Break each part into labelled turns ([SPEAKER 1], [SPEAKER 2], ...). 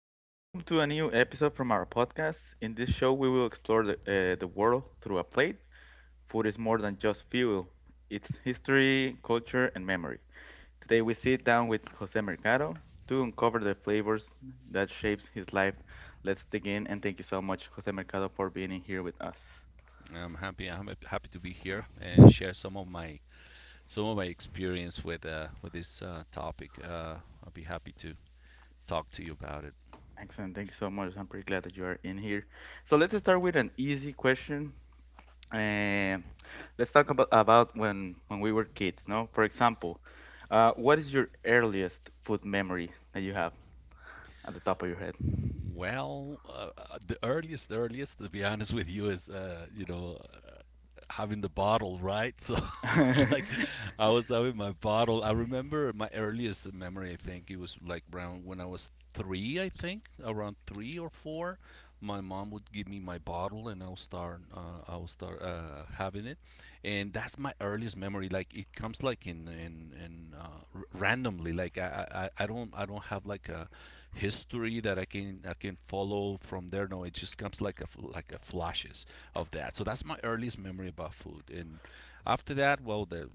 [SPEAKER 1] So, welcome to a new episode from our podcast. In this show, we will explore the world through a plate. Food is more than just fuel, it's history, culture, and memory. Today, we sit down with Jose Mercado to uncover the flavors that shapes his life. Let's dig in, and thank you so much, Jose Mercado, for being in here with us.
[SPEAKER 2] I'm happy. I'm happy to be here and share some of my experience with this topic. I'll be happy to talk to you about it.
[SPEAKER 1] Excellent. Thank you so much. I'm pretty glad that you are in here. So, let's start with an easy question. Uh, let's talk about when we were kids, no? For example, what is your earliest food memory that you have at the top of your head?
[SPEAKER 2] Well, the earliest, to be honest with you, is having the bottle, right? So it's like I was having my bottle. I remember my earliest memory. I think it was like around when I was three. I think around three or four, my mom would give me my bottle, and I'll start. I'll start having it, and that's my earliest memory. Like it comes like randomly. Like I don't have like a history that I can follow from there. No, it just comes like like a flashes of that. So that's my earliest memory about food, and after that, well, the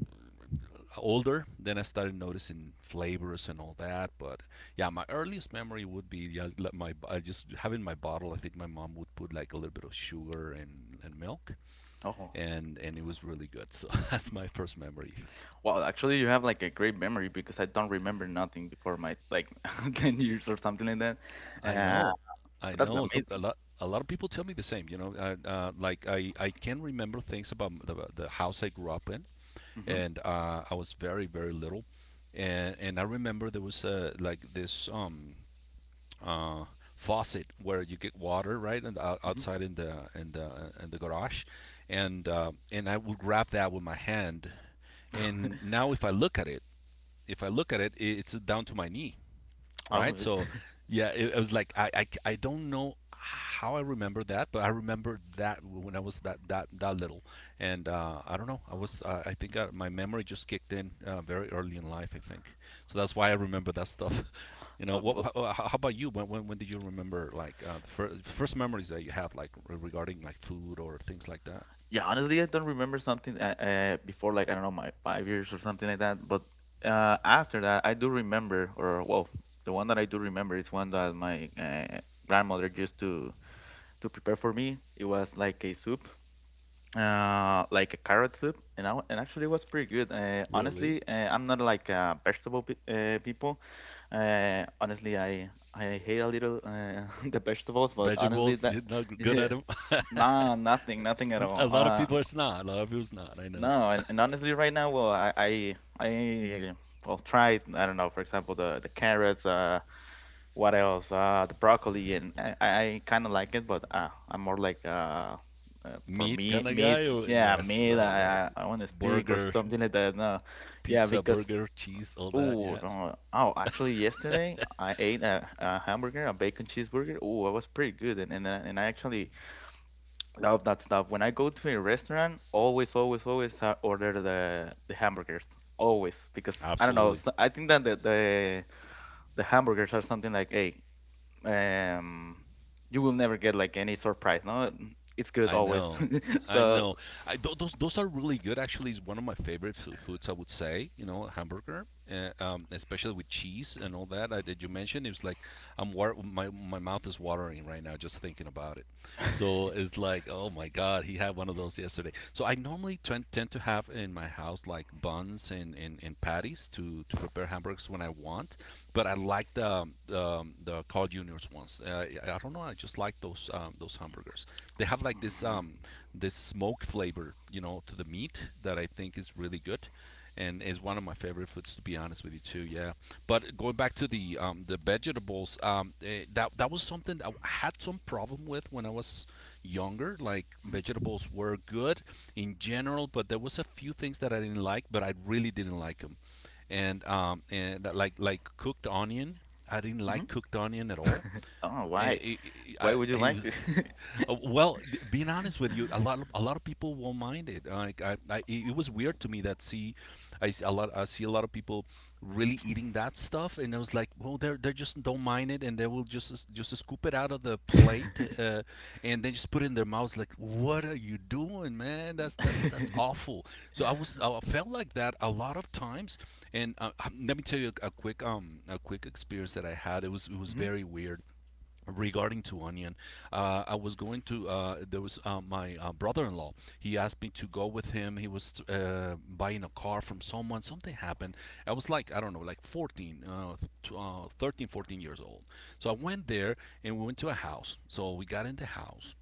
[SPEAKER 2] older, then I started noticing flavors and all that. But yeah, my earliest memory would be, yeah, like my I just having my bottle. I think my mom would put like a little bit of sugar and milk,
[SPEAKER 1] Oh,
[SPEAKER 2] and it was really good. So that's my first memory.
[SPEAKER 1] well, actually, you have like a great memory because I don't remember nothing before my like 10 years or something like that.
[SPEAKER 2] I
[SPEAKER 1] Uh,
[SPEAKER 2] know, I
[SPEAKER 1] but that's
[SPEAKER 2] know. So a
[SPEAKER 1] amazing.
[SPEAKER 2] lot a lot of people tell me the same. You know, like I can remember things about the house I grew up in,
[SPEAKER 1] Mm-hmm.
[SPEAKER 2] and I was very little, and I remember there was like this uh faucet where you get water, right? And out,
[SPEAKER 1] Mm-hmm.
[SPEAKER 2] outside in the in the garage. And and I would grab that with my hand, and now if I look at it, if I look at it, it's down to my knee,
[SPEAKER 1] Oh,
[SPEAKER 2] right? So, yeah, it was like I don't know how I remember that, but I remember that when I was that little, and I don't know, I was I think my memory just kicked in very early in life, I think. So that's why I remember that stuff. You know,
[SPEAKER 1] uh, well,
[SPEAKER 2] what how about you? When did you remember like the first memories that you have like regarding like food or things like that?
[SPEAKER 1] Yeah, honestly, I don't remember something before, like, I don't know, my 5 years or something like that. But after that, I do remember, or, well, the one that I do remember is one that my grandmother used to prepare for me. It was like a soup, like a carrot soup, and actually it was pretty good.
[SPEAKER 2] Really?
[SPEAKER 1] Honestly, I'm not like a vegetable pe people. Honestly, I hate a little the vegetables, but honestly,
[SPEAKER 2] Vegetables,
[SPEAKER 1] that
[SPEAKER 2] you're not good at
[SPEAKER 1] yeah,
[SPEAKER 2] them.
[SPEAKER 1] Nah, nothing, nothing at
[SPEAKER 2] A
[SPEAKER 1] all.
[SPEAKER 2] lot of
[SPEAKER 1] Uh,
[SPEAKER 2] people it's not. A lot of people's not. I know.
[SPEAKER 1] no, and honestly, right now, well, try. I don't know. For example, the carrots. What else? The broccoli, and I kind of like it, but I'm more like, for
[SPEAKER 2] Meat
[SPEAKER 1] me,
[SPEAKER 2] kind of guy?
[SPEAKER 1] meat.
[SPEAKER 2] Or
[SPEAKER 1] Yeah,
[SPEAKER 2] yes,
[SPEAKER 1] meat.
[SPEAKER 2] right, right.
[SPEAKER 1] I want a steak or
[SPEAKER 2] Burger,
[SPEAKER 1] something like that. No, yeah,
[SPEAKER 2] pizza,
[SPEAKER 1] because
[SPEAKER 2] burger, cheese, all that.
[SPEAKER 1] oh
[SPEAKER 2] Yeah,
[SPEAKER 1] no. Oh, actually, yesterday I ate a hamburger, a bacon cheeseburger. Oh, it was pretty good, and I actually love that stuff. When I go to a restaurant, always, always, always, I order the hamburgers. Always, because I don't know.
[SPEAKER 2] absolutely.
[SPEAKER 1] So I think that the hamburgers are something like, hey, um, you will never get like any surprise. No, it's good
[SPEAKER 2] I
[SPEAKER 1] always.
[SPEAKER 2] know. I
[SPEAKER 1] So,
[SPEAKER 2] know. Those are really good. Actually, is one of my favorite foods. I would say, you know, hamburger, especially with cheese and all that that you mentioned. It was like my mouth is watering right now just thinking about it. So it's like, oh my God, he had one of those yesterday. So I normally tend to have in my house like buns, and patties to prepare hamburgers when I want. But I like the Carl Junior's ones. I don't know. I just like those hamburgers. They have like this
[SPEAKER 1] Mhm,
[SPEAKER 2] this smoke flavor, you know, to the meat that I think is really good, and is one of my favorite foods, to be honest with you, too. Yeah, but going back to the vegetables, that was something I had some problem with when I was younger. Like vegetables were good in general, but there was a few things that I didn't like, but I really didn't like them. And like cooked onion, I didn't like
[SPEAKER 1] mhm,
[SPEAKER 2] cooked onion at all.
[SPEAKER 1] mhm. Oh, why?
[SPEAKER 2] Eh,
[SPEAKER 1] Why
[SPEAKER 2] I,
[SPEAKER 1] would you like
[SPEAKER 2] I,
[SPEAKER 1] to?
[SPEAKER 2] well, being honest with you, a lot of people won't mind it. Like it was weird to me that, see, I see a lot of people really eating that stuff, and I was like, well, they just don't mind it, and they will just scoop it out of the plate, and then just put it in their mouths. Like, what are you doing, man? That's awful. So I was, I felt like that a lot of times, and let me tell you a quick experience that I had. It was, it was
[SPEAKER 1] Mhm,
[SPEAKER 2] very weird regarding to onion. I was going to, there was, my brother-in-law, he asked me to go with him. He was, buying a car from someone. Something happened. I was like, I don't know, like 14, 13, 14 years old. So I went there, and we went to a house. So we got in the house,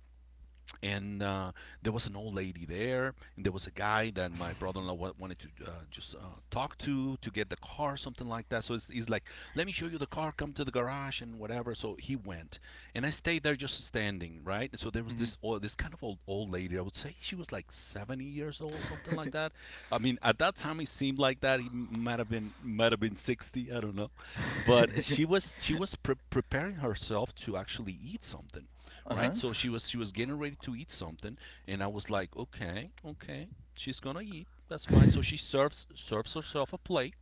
[SPEAKER 2] and there was an old lady there, and there was a guy that my brother-in-law wanted to just talk to get the car, something like that. So it's, he's like, let me show you the car, come to the garage and whatever. So he went, and I stayed there just standing, right? So there was
[SPEAKER 1] mhm.
[SPEAKER 2] this old, this kind of old lady, I would say she was like 70 years old, something like that. I mean, at that time, it seemed like that, he might have been 60, I don't know. But she was, she was preparing herself to actually eat something,
[SPEAKER 1] Uh-huh.
[SPEAKER 2] right? So she was, she was getting ready to eat something, and I was like, okay, okay, she's gonna eat. That's fine. So she serves herself a plate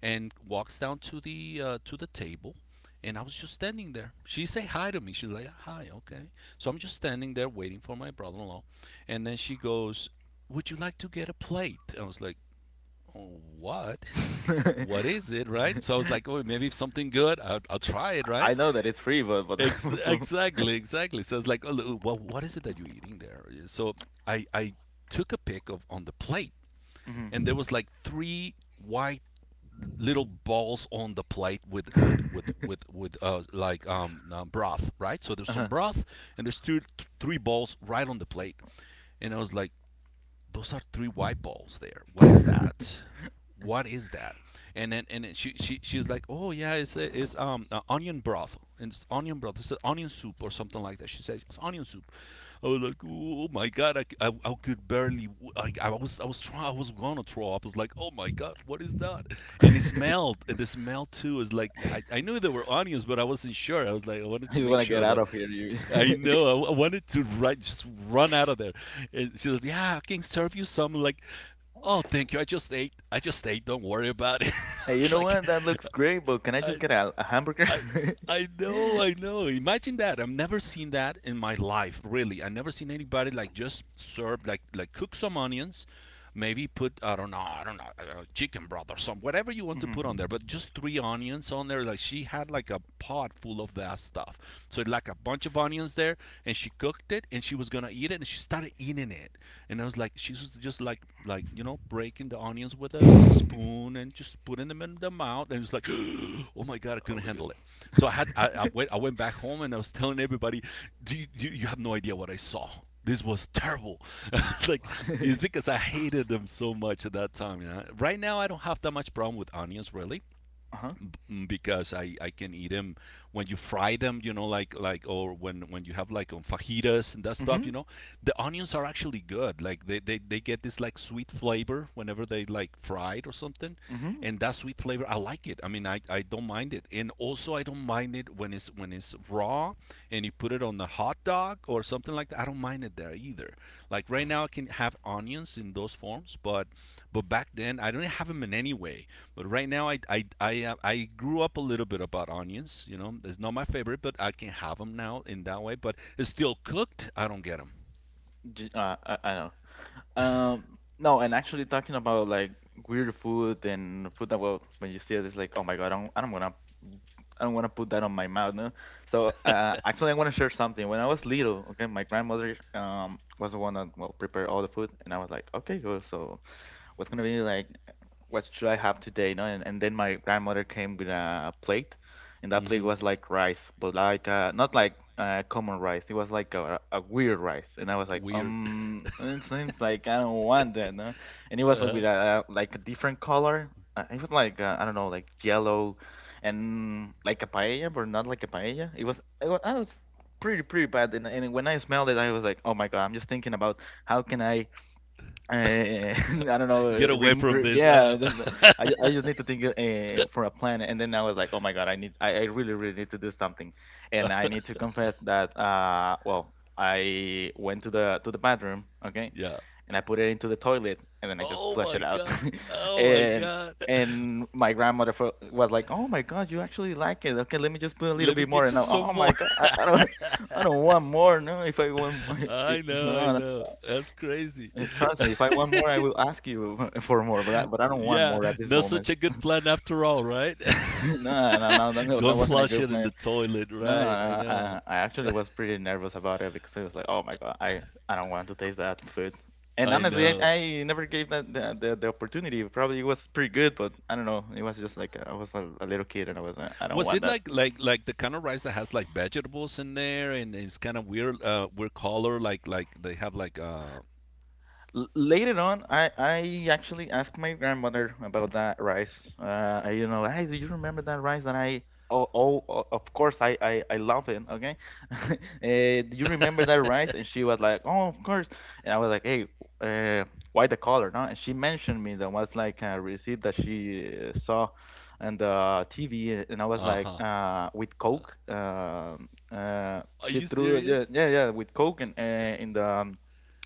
[SPEAKER 2] and walks down to the table, and I was just standing there. She say hi to me. She's like hi, okay. So I'm just standing there waiting for my brother-in-law, and then she goes, "Would you like to get a plate?" I was like, oh, "What?" What is it, right? So I was like, oh, maybe something good. I'll try it, right?
[SPEAKER 1] I know that it's free, but, but
[SPEAKER 2] Exactly, exactly. So it's like, oh, well, what is it that you're eating there? So I took a pic of on the plate, and there
[SPEAKER 1] mhm.
[SPEAKER 2] was like three white little balls on the plate with like broth, right? So there's some
[SPEAKER 1] uh-huh.
[SPEAKER 2] broth, and there's three balls right on the plate, and I was like, those are three white balls there. What is that? What is that? And then she, she's like, oh yeah, it's onion broth. And it's onion broth. It's onion soup or something like that. She said it's onion soup. I was like, oh my god, I could barely. I was, I was trying. I was gonna throw up. I was like, oh my god, what is that? And it
[SPEAKER 1] I
[SPEAKER 2] smelled. And the smell too is like I knew there were onions, but I wasn't sure. I was like I wanted to
[SPEAKER 1] just
[SPEAKER 2] make
[SPEAKER 1] want to get
[SPEAKER 2] sure,
[SPEAKER 1] out
[SPEAKER 2] but
[SPEAKER 1] of here. You,
[SPEAKER 2] I know. I wanted to just run out of there. And she was, like, yeah, I can serve you some. Like, oh, thank you. I just ate. I just ate. Don't worry about it.
[SPEAKER 1] Hey, you
[SPEAKER 2] It's
[SPEAKER 1] know
[SPEAKER 2] like,
[SPEAKER 1] what? That looks great, but can I just get a hamburger?
[SPEAKER 2] I I know, I know. Imagine that. I've never seen that in my life, really. I never seen anybody like just serve like cook some onions, maybe put, I don't know, chicken broth or some whatever you want to
[SPEAKER 1] Mhm.
[SPEAKER 2] put on there, but just three onions on there. Like she had like a pot full of that stuff. So like a bunch of onions there, and she cooked it, and she was gonna eat it, and she started eating it, and I was like, she was just like, you know, breaking the onions with a spoon and just putting them in the mouth, and it was like oh my god, I
[SPEAKER 1] Oh
[SPEAKER 2] couldn't
[SPEAKER 1] my god.
[SPEAKER 2] handle it. So I went, back home, and I was telling everybody, you have no idea what I saw. This was terrible. Like, it's because I hated them so much at that time, you know? Right now I don't have that much problem with onions, really.
[SPEAKER 1] uh-huh.
[SPEAKER 2] Mm, because I can eat them when you fry them, you know, like, or when you have like on fajitas and that stuff, you
[SPEAKER 1] Mhm.
[SPEAKER 2] know. The onions are actually good. Like they get this like sweet flavor whenever they like fried or something.
[SPEAKER 1] Mhm.
[SPEAKER 2] And that sweet flavor I like it. I mean I don't mind it. And also I don't mind it when it's raw and you put it on the hot dog or something like that. I don't mind it there either. Like right now, I can have onions in those forms, but back then I didn't have them in any way. But right now, I grew up a little bit about onions. You know, it's not my favorite, but I can have them now in that way. But it's still cooked. I don't get them.
[SPEAKER 1] I know. No, and actually talking about like weird food and food that well, when you see it, it's like, oh my god, I'm gonna I don't want to put that on my mouth, no. So actually, I want to share something. When I was little, okay, my grandmother was the one that well prepared all the food, and I was like, okay, cool. So what's gonna be like what should I have today? No, and then my grandmother came with a plate, and that
[SPEAKER 2] Mm
[SPEAKER 1] plate
[SPEAKER 2] hmm
[SPEAKER 1] was like rice, but not like common rice. It was like a weird rice, and I was like,
[SPEAKER 2] Weird.
[SPEAKER 1] it seems like I don't want that, no. And it was like
[SPEAKER 2] Uh,
[SPEAKER 1] with a like a different color. It was like I don't know, like yellow, and like a paella, but not like a paella. It was pretty pretty bad, and when I smelled it, I was like, oh my god, I'm just thinking about how can I uh, I don't know.
[SPEAKER 2] get away from this.
[SPEAKER 1] I just need to think for a plan, and then I was like, oh my god, I really, really need to do something, and I need to confess that, well, I went to the bathroom, okay,
[SPEAKER 2] Yeah.
[SPEAKER 1] and I put it into the toilet, and then I just
[SPEAKER 2] Oh
[SPEAKER 1] flush
[SPEAKER 2] my
[SPEAKER 1] it out,
[SPEAKER 2] god. Oh my
[SPEAKER 1] and
[SPEAKER 2] god.
[SPEAKER 1] my grandmother was like, oh my god, you actually like it? Okay, let me just put a little
[SPEAKER 2] Let me
[SPEAKER 1] bit more,
[SPEAKER 2] get you
[SPEAKER 1] and I,
[SPEAKER 2] some
[SPEAKER 1] oh
[SPEAKER 2] more.
[SPEAKER 1] my god, I don't, I don't want more. No, if I want,
[SPEAKER 2] I know, I
[SPEAKER 1] no,
[SPEAKER 2] know. That's crazy.
[SPEAKER 1] trust me, if I want more, I will ask you for more. But I don't want
[SPEAKER 2] Yeah,
[SPEAKER 1] more at this
[SPEAKER 2] not
[SPEAKER 1] moment.
[SPEAKER 2] such a good plan after all, right?
[SPEAKER 1] No, no, no, no, no,
[SPEAKER 2] Go
[SPEAKER 1] that
[SPEAKER 2] and
[SPEAKER 1] wasn't a
[SPEAKER 2] flush
[SPEAKER 1] good
[SPEAKER 2] it in the
[SPEAKER 1] plan.
[SPEAKER 2] toilet,
[SPEAKER 1] No,
[SPEAKER 2] right? I know.
[SPEAKER 1] I actually was pretty nervous about it because I was like, oh my god, I don't want to taste that food. And
[SPEAKER 2] I
[SPEAKER 1] honestly,
[SPEAKER 2] know.
[SPEAKER 1] I never gave that the opportunity. Probably it was pretty good, but I don't know. It was just like I was a little kid and I was I don't
[SPEAKER 2] Was
[SPEAKER 1] want
[SPEAKER 2] it
[SPEAKER 1] that.
[SPEAKER 2] like like the kind of rice that has like vegetables in there and it's kind of weird weird color like they have like
[SPEAKER 1] Later on, I actually asked my grandmother about that rice. You know, hey, do you remember that rice? And I, oh, of course, I love it. Okay, uh, do you remember that rice? And she was like, oh, of course. And I was like, hey, uh, why the color? No? And she mentioned me that was like a receipt that she saw on the TV, and I was like,
[SPEAKER 2] uh-huh.
[SPEAKER 1] with Coke.
[SPEAKER 2] Are
[SPEAKER 1] She
[SPEAKER 2] you
[SPEAKER 1] threw, yeah,
[SPEAKER 2] serious?
[SPEAKER 1] yeah, yeah, with Coke and in the um,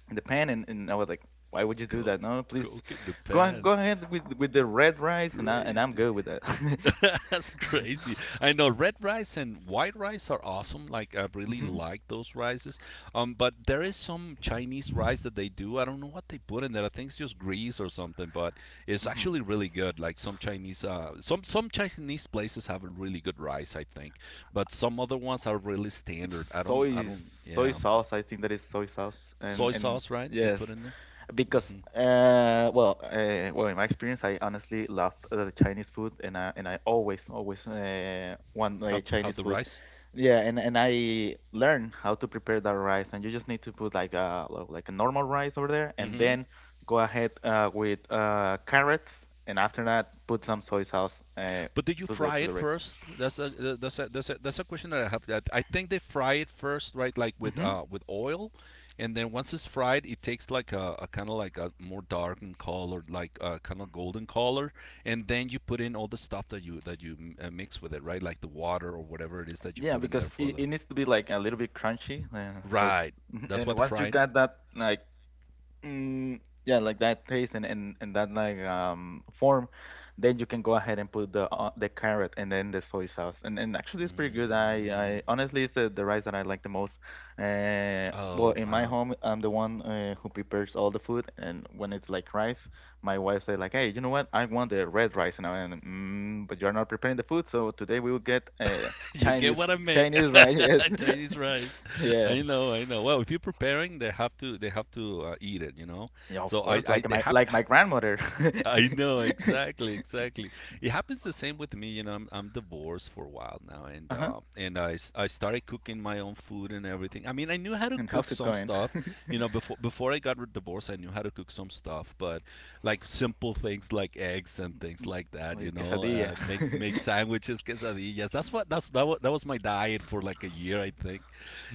[SPEAKER 1] in the pan and I was like, why would you do that?
[SPEAKER 2] Coke,
[SPEAKER 1] No, please
[SPEAKER 2] coke in the
[SPEAKER 1] go on,
[SPEAKER 2] pan.
[SPEAKER 1] go ahead with the red
[SPEAKER 2] It's
[SPEAKER 1] rice and and I'm
[SPEAKER 2] crazy.
[SPEAKER 1] good with that.
[SPEAKER 2] That's crazy. I know red rice and white rice are awesome. Like I really
[SPEAKER 1] hmm
[SPEAKER 2] like those rices. But there is some Chinese rice that they do. I don't know what they put in there. I think it's just grease or something, but it's
[SPEAKER 1] hmm
[SPEAKER 2] actually really good. Like some Chinese, some Chinese places have a really good rice, I think. But some other ones are really
[SPEAKER 1] It's
[SPEAKER 2] standard. I don't, I
[SPEAKER 1] soy
[SPEAKER 2] don't.
[SPEAKER 1] soy
[SPEAKER 2] Yeah,
[SPEAKER 1] sauce. I think that is soy sauce
[SPEAKER 2] soy
[SPEAKER 1] and
[SPEAKER 2] sauce, right? They
[SPEAKER 1] yes,
[SPEAKER 2] put in there.
[SPEAKER 1] because
[SPEAKER 2] Mm-hmm.
[SPEAKER 1] well in my experience I honestly loved the Chinese food and I always always want
[SPEAKER 2] Have
[SPEAKER 1] Chinese
[SPEAKER 2] the
[SPEAKER 1] food
[SPEAKER 2] rice.
[SPEAKER 1] yeah and I learned how to prepare that rice and you just need to put like a normal rice over there and
[SPEAKER 2] Mm-hmm.
[SPEAKER 1] then go ahead with carrots and after that put some soy sauce
[SPEAKER 2] But did you
[SPEAKER 1] to the
[SPEAKER 2] fry it
[SPEAKER 1] rice
[SPEAKER 2] first? That's a question that I have. That I think they fry it first, right? Like
[SPEAKER 1] hmm
[SPEAKER 2] with oil, and then once it's fried, it takes like a kind of like a more darkened color, like a kind of golden color, and then you put in all the stuff that you mix with it, right? Like the water or whatever it is that you
[SPEAKER 1] yeah
[SPEAKER 2] put in there
[SPEAKER 1] because
[SPEAKER 2] for the
[SPEAKER 1] it needs to be like a little bit crunchy
[SPEAKER 2] right.
[SPEAKER 1] Mhm.
[SPEAKER 2] That's
[SPEAKER 1] And
[SPEAKER 2] what the
[SPEAKER 1] once you
[SPEAKER 2] frying.
[SPEAKER 1] got that like Mm, yeah, like that taste and that like form, then you can go ahead and put the carrot and then the soy sauce. And actually it's pretty good.
[SPEAKER 2] Mm,
[SPEAKER 1] I honestly it's the rice that I like the most. Well,
[SPEAKER 2] oh
[SPEAKER 1] in my
[SPEAKER 2] wow.
[SPEAKER 1] home, I'm the one who prepares all the food. And when it's like rice, my wife say like, hey, you know what? I want the red rice. And I'm like, mm, but you're not preparing the food, so today we will get
[SPEAKER 2] You get
[SPEAKER 1] Chinese
[SPEAKER 2] what I make.
[SPEAKER 1] Chinese rice.
[SPEAKER 2] Chinese rice.
[SPEAKER 1] Yes,
[SPEAKER 2] I
[SPEAKER 1] yeah,
[SPEAKER 2] know, I know. Well, if you're preparing, they have to eat it, you know.
[SPEAKER 1] yeah, of
[SPEAKER 2] So
[SPEAKER 1] course,
[SPEAKER 2] I they have
[SPEAKER 1] like my grandmother.
[SPEAKER 2] I know exactly, exactly. It happens the same with me. You know, I'm divorced for a while now, and
[SPEAKER 1] Uh-huh.
[SPEAKER 2] and I started cooking my own food and everything. I mean, I knew how to
[SPEAKER 1] And
[SPEAKER 2] cook
[SPEAKER 1] how's it
[SPEAKER 2] some
[SPEAKER 1] going?
[SPEAKER 2] stuff. You know, before I got divorced, I knew how to cook some stuff, but like simple things like eggs and things
[SPEAKER 1] M-
[SPEAKER 2] like that.
[SPEAKER 1] My
[SPEAKER 2] You know,
[SPEAKER 1] quesadilla.
[SPEAKER 2] make sandwiches, quesadillas. That's what that's that was my diet for like a year, I think.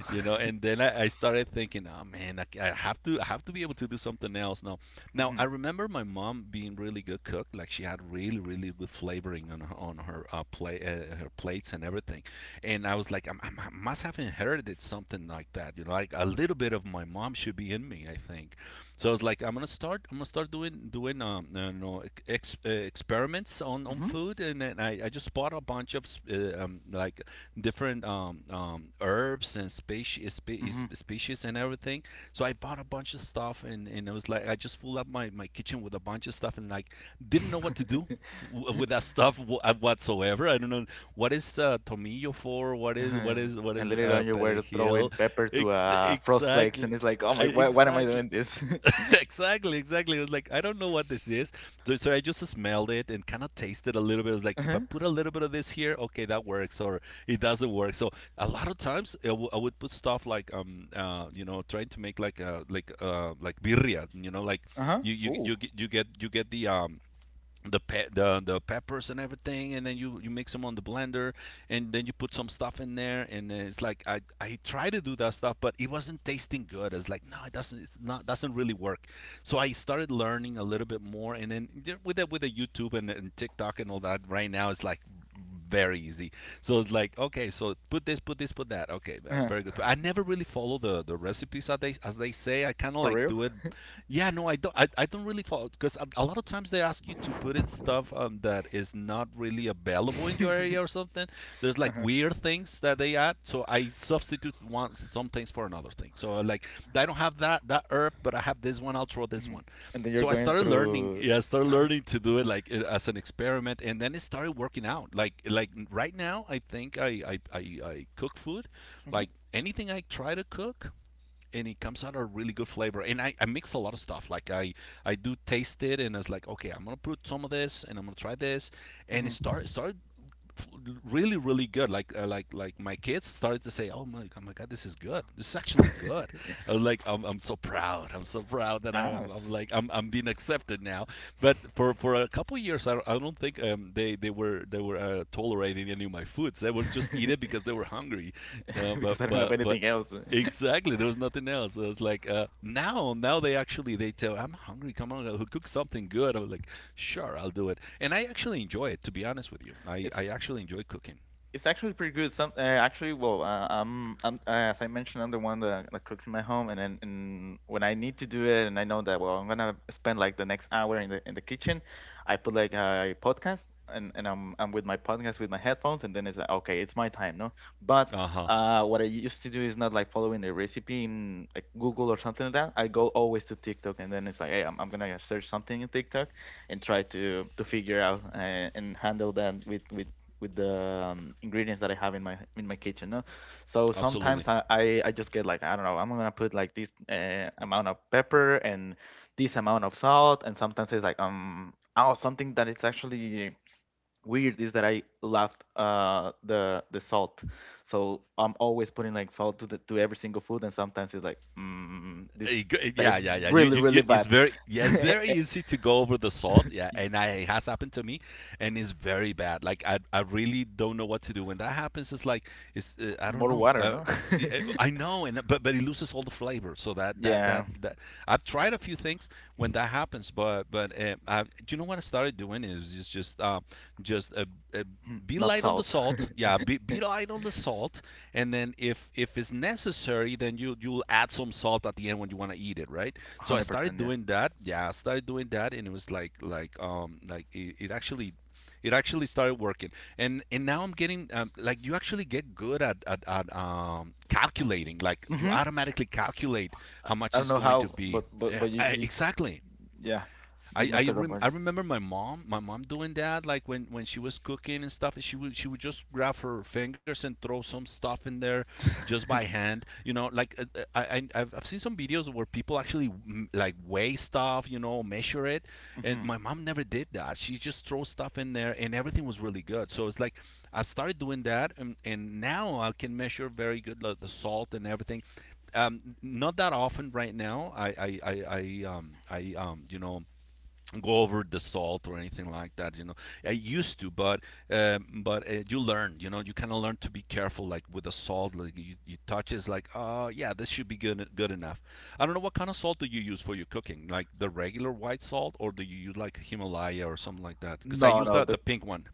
[SPEAKER 2] You know, and then I started thinking, oh man, I have to be able to do something else now. Now I
[SPEAKER 1] hmm
[SPEAKER 2] remember my mom being really good cook. Like she had really, really good flavoring on her, on her her plates and everything, and I was like, I must have inherited something like that. You know, like a little bit of my mom should be in me, I think. So I was like, I'm gonna start. I'm gonna start doing doing you know ex- experiments on
[SPEAKER 1] hmm
[SPEAKER 2] food, and then I just bought a bunch of like different herbs and
[SPEAKER 1] hmm
[SPEAKER 2] species and everything. So I bought a bunch of stuff, and it was like I just filled up my kitchen with a bunch of stuff, and like didn't know what to do with that stuff whatsoever. I don't know what is tomillo for. What is
[SPEAKER 1] Uh,
[SPEAKER 2] what is what
[SPEAKER 1] and
[SPEAKER 2] is
[SPEAKER 1] later
[SPEAKER 2] uh,
[SPEAKER 1] on, you were throwing
[SPEAKER 2] perejil?
[SPEAKER 1] pepper to
[SPEAKER 2] Ex-
[SPEAKER 1] frost flakes,
[SPEAKER 2] exactly.
[SPEAKER 1] and it's like, oh
[SPEAKER 2] Uh,
[SPEAKER 1] my, why am I
[SPEAKER 2] Exactly,
[SPEAKER 1] doing this?
[SPEAKER 2] exactly. It was like I don't know what this is, so, I just smelled it and kind of tasted a little bit. It was like if I
[SPEAKER 1] uh-huh.
[SPEAKER 2] put a little bit of this here, okay, that works, or it doesn't work. So a lot of times I would put stuff like you know, trying to make like like birria, you know, like
[SPEAKER 1] Uh-huh. Ooh.
[SPEAKER 2] you get the the peppers and everything, and then you mix them on the blender, and then you put some stuff in there, and then it's like I tried to do that stuff, but it wasn't tasting good. It's like no it doesn't it's not doesn't really work. So I started learning a little bit more, and then with with the YouTube and TikTok and all that right now, it's like very easy. So it's like, okay, so put this, put this, put that. Okay,
[SPEAKER 1] Uh-huh.
[SPEAKER 2] very good. I never really follow the recipes as they say. I kind of
[SPEAKER 1] For
[SPEAKER 2] like
[SPEAKER 1] real?
[SPEAKER 2] do it. Yeah, no, I don't. I don't really follow because a lot of times they ask you to put in stuff that is not really available in your area or something. There's like
[SPEAKER 1] uh-huh.
[SPEAKER 2] weird things that they add, so I substitute one some things for another thing. So like I don't have that herb, but I have this one. I'll throw this
[SPEAKER 1] hmm
[SPEAKER 2] one,
[SPEAKER 1] And then you're
[SPEAKER 2] so I
[SPEAKER 1] going
[SPEAKER 2] started learning.
[SPEAKER 1] through.
[SPEAKER 2] Yeah, I started learning to do it like as an experiment, and then it started working out. Like right now, I think I cook food,
[SPEAKER 1] Hmm
[SPEAKER 2] like anything I try to cook, and it comes out a really good flavor. And I mix a lot of stuff. Like I do taste it, and it's like okay, I'm gonna put some of this, and I'm gonna try this, and it
[SPEAKER 1] hmm
[SPEAKER 2] started really really good like my kids started to say oh my god this is good, this is actually good. I was like I'm so proud, I'm so proud that I,
[SPEAKER 1] Ah.
[SPEAKER 2] am I'm
[SPEAKER 1] s-
[SPEAKER 2] like I'm being accepted now, but for a couple of years I don't think they were tolerating any of my foods. They would just eat it because they were hungry. No but
[SPEAKER 1] because I don't have
[SPEAKER 2] but
[SPEAKER 1] anything else.
[SPEAKER 2] Exactly. There was nothing else. I was like, now, now they actually they tell I'm hungry. Come on, cook something good. I was like, sure, I'll do it. And I actually enjoy it, to be honest with you.
[SPEAKER 1] It's
[SPEAKER 2] I actually enjoy cooking.
[SPEAKER 1] It's actually pretty good. Some actually, well, I'm as I mentioned, I'm the one that cooks in my home, and then and when I need to do it, and I know that well, I'm gonna spend like the next hour in the kitchen, I put like a podcast, and I'm with my podcast with my headphones, and then it's like okay, it's my time, no? But
[SPEAKER 2] Uh huh.
[SPEAKER 1] what I used to do is not like following the recipe in like Google or something like that. I go always to TikTok, and then it's like, hey, I'm gonna search something in TikTok, and try to figure out and handle that with the ingredients that I have in my kitchen. No? So
[SPEAKER 2] Absolutely.
[SPEAKER 1] sometimes I just get like I don't know I'm gonna put like this amount of pepper and this amount of salt, and sometimes it's like oh something that it's actually weird is that I left the salt. So I'm always putting like salt to to every single food, and sometimes it's like mm, this
[SPEAKER 2] Yeah,
[SPEAKER 1] tastes
[SPEAKER 2] yeah, yeah.
[SPEAKER 1] really really
[SPEAKER 2] It's
[SPEAKER 1] bad.
[SPEAKER 2] very, yeah, it's very easy to go over the salt. Yeah,
[SPEAKER 1] Y-
[SPEAKER 2] and it has happened to me, and it's very bad. Like I really don't know what to do when that happens. It's like, it's, I don't
[SPEAKER 1] More
[SPEAKER 2] know.
[SPEAKER 1] water,
[SPEAKER 2] I.
[SPEAKER 1] no?
[SPEAKER 2] I know, and but it loses all the flavor. So that that
[SPEAKER 1] yeah,
[SPEAKER 2] that that I've tried a few things when that happens, but do you know what I started doing is just a be
[SPEAKER 1] not
[SPEAKER 2] light on the
[SPEAKER 1] salt.
[SPEAKER 2] salt. Yeah, be light on the salt, and then if it's necessary, then you'll add some salt at the end when you want to eat it, right? So I started
[SPEAKER 1] 100%, yeah.
[SPEAKER 2] doing that. Yeah, I started doing that, and it was like it actually started working, and now I'm getting like you actually get good at, at calculating, like you
[SPEAKER 1] Mm-hmm.
[SPEAKER 2] automatically calculate how
[SPEAKER 1] I
[SPEAKER 2] much
[SPEAKER 1] don't
[SPEAKER 2] it's
[SPEAKER 1] know
[SPEAKER 2] going to
[SPEAKER 1] how,
[SPEAKER 2] be.
[SPEAKER 1] but
[SPEAKER 2] Yeah,
[SPEAKER 1] but you, you
[SPEAKER 2] exactly.
[SPEAKER 1] yeah, you mastered the
[SPEAKER 2] I
[SPEAKER 1] word.
[SPEAKER 2] remember my mom doing that, like when she was cooking and stuff. She would just grab her fingers and throw some stuff in there just by hand, you know, like I've seen some videos where people actually like weigh stuff, you know, measure it, and
[SPEAKER 1] Mm-hmm.
[SPEAKER 2] my mom never did that. She just throws stuff in there and everything was really good, so it's like I started doing that, and now I can measure very good, like the salt and everything. Not that often right now. I You know, go over the salt or anything like that, you know, I used to, but you learn, you know, you kind of learn to be careful, like with the salt, like you touch, it's like oh yeah this should be good, good enough. I don't know what kind of salt do you use for your cooking, like the regular white salt, or do you use like himalaya or something like that, because I
[SPEAKER 1] No,
[SPEAKER 2] use
[SPEAKER 1] no,
[SPEAKER 2] that
[SPEAKER 1] the
[SPEAKER 2] the pink one.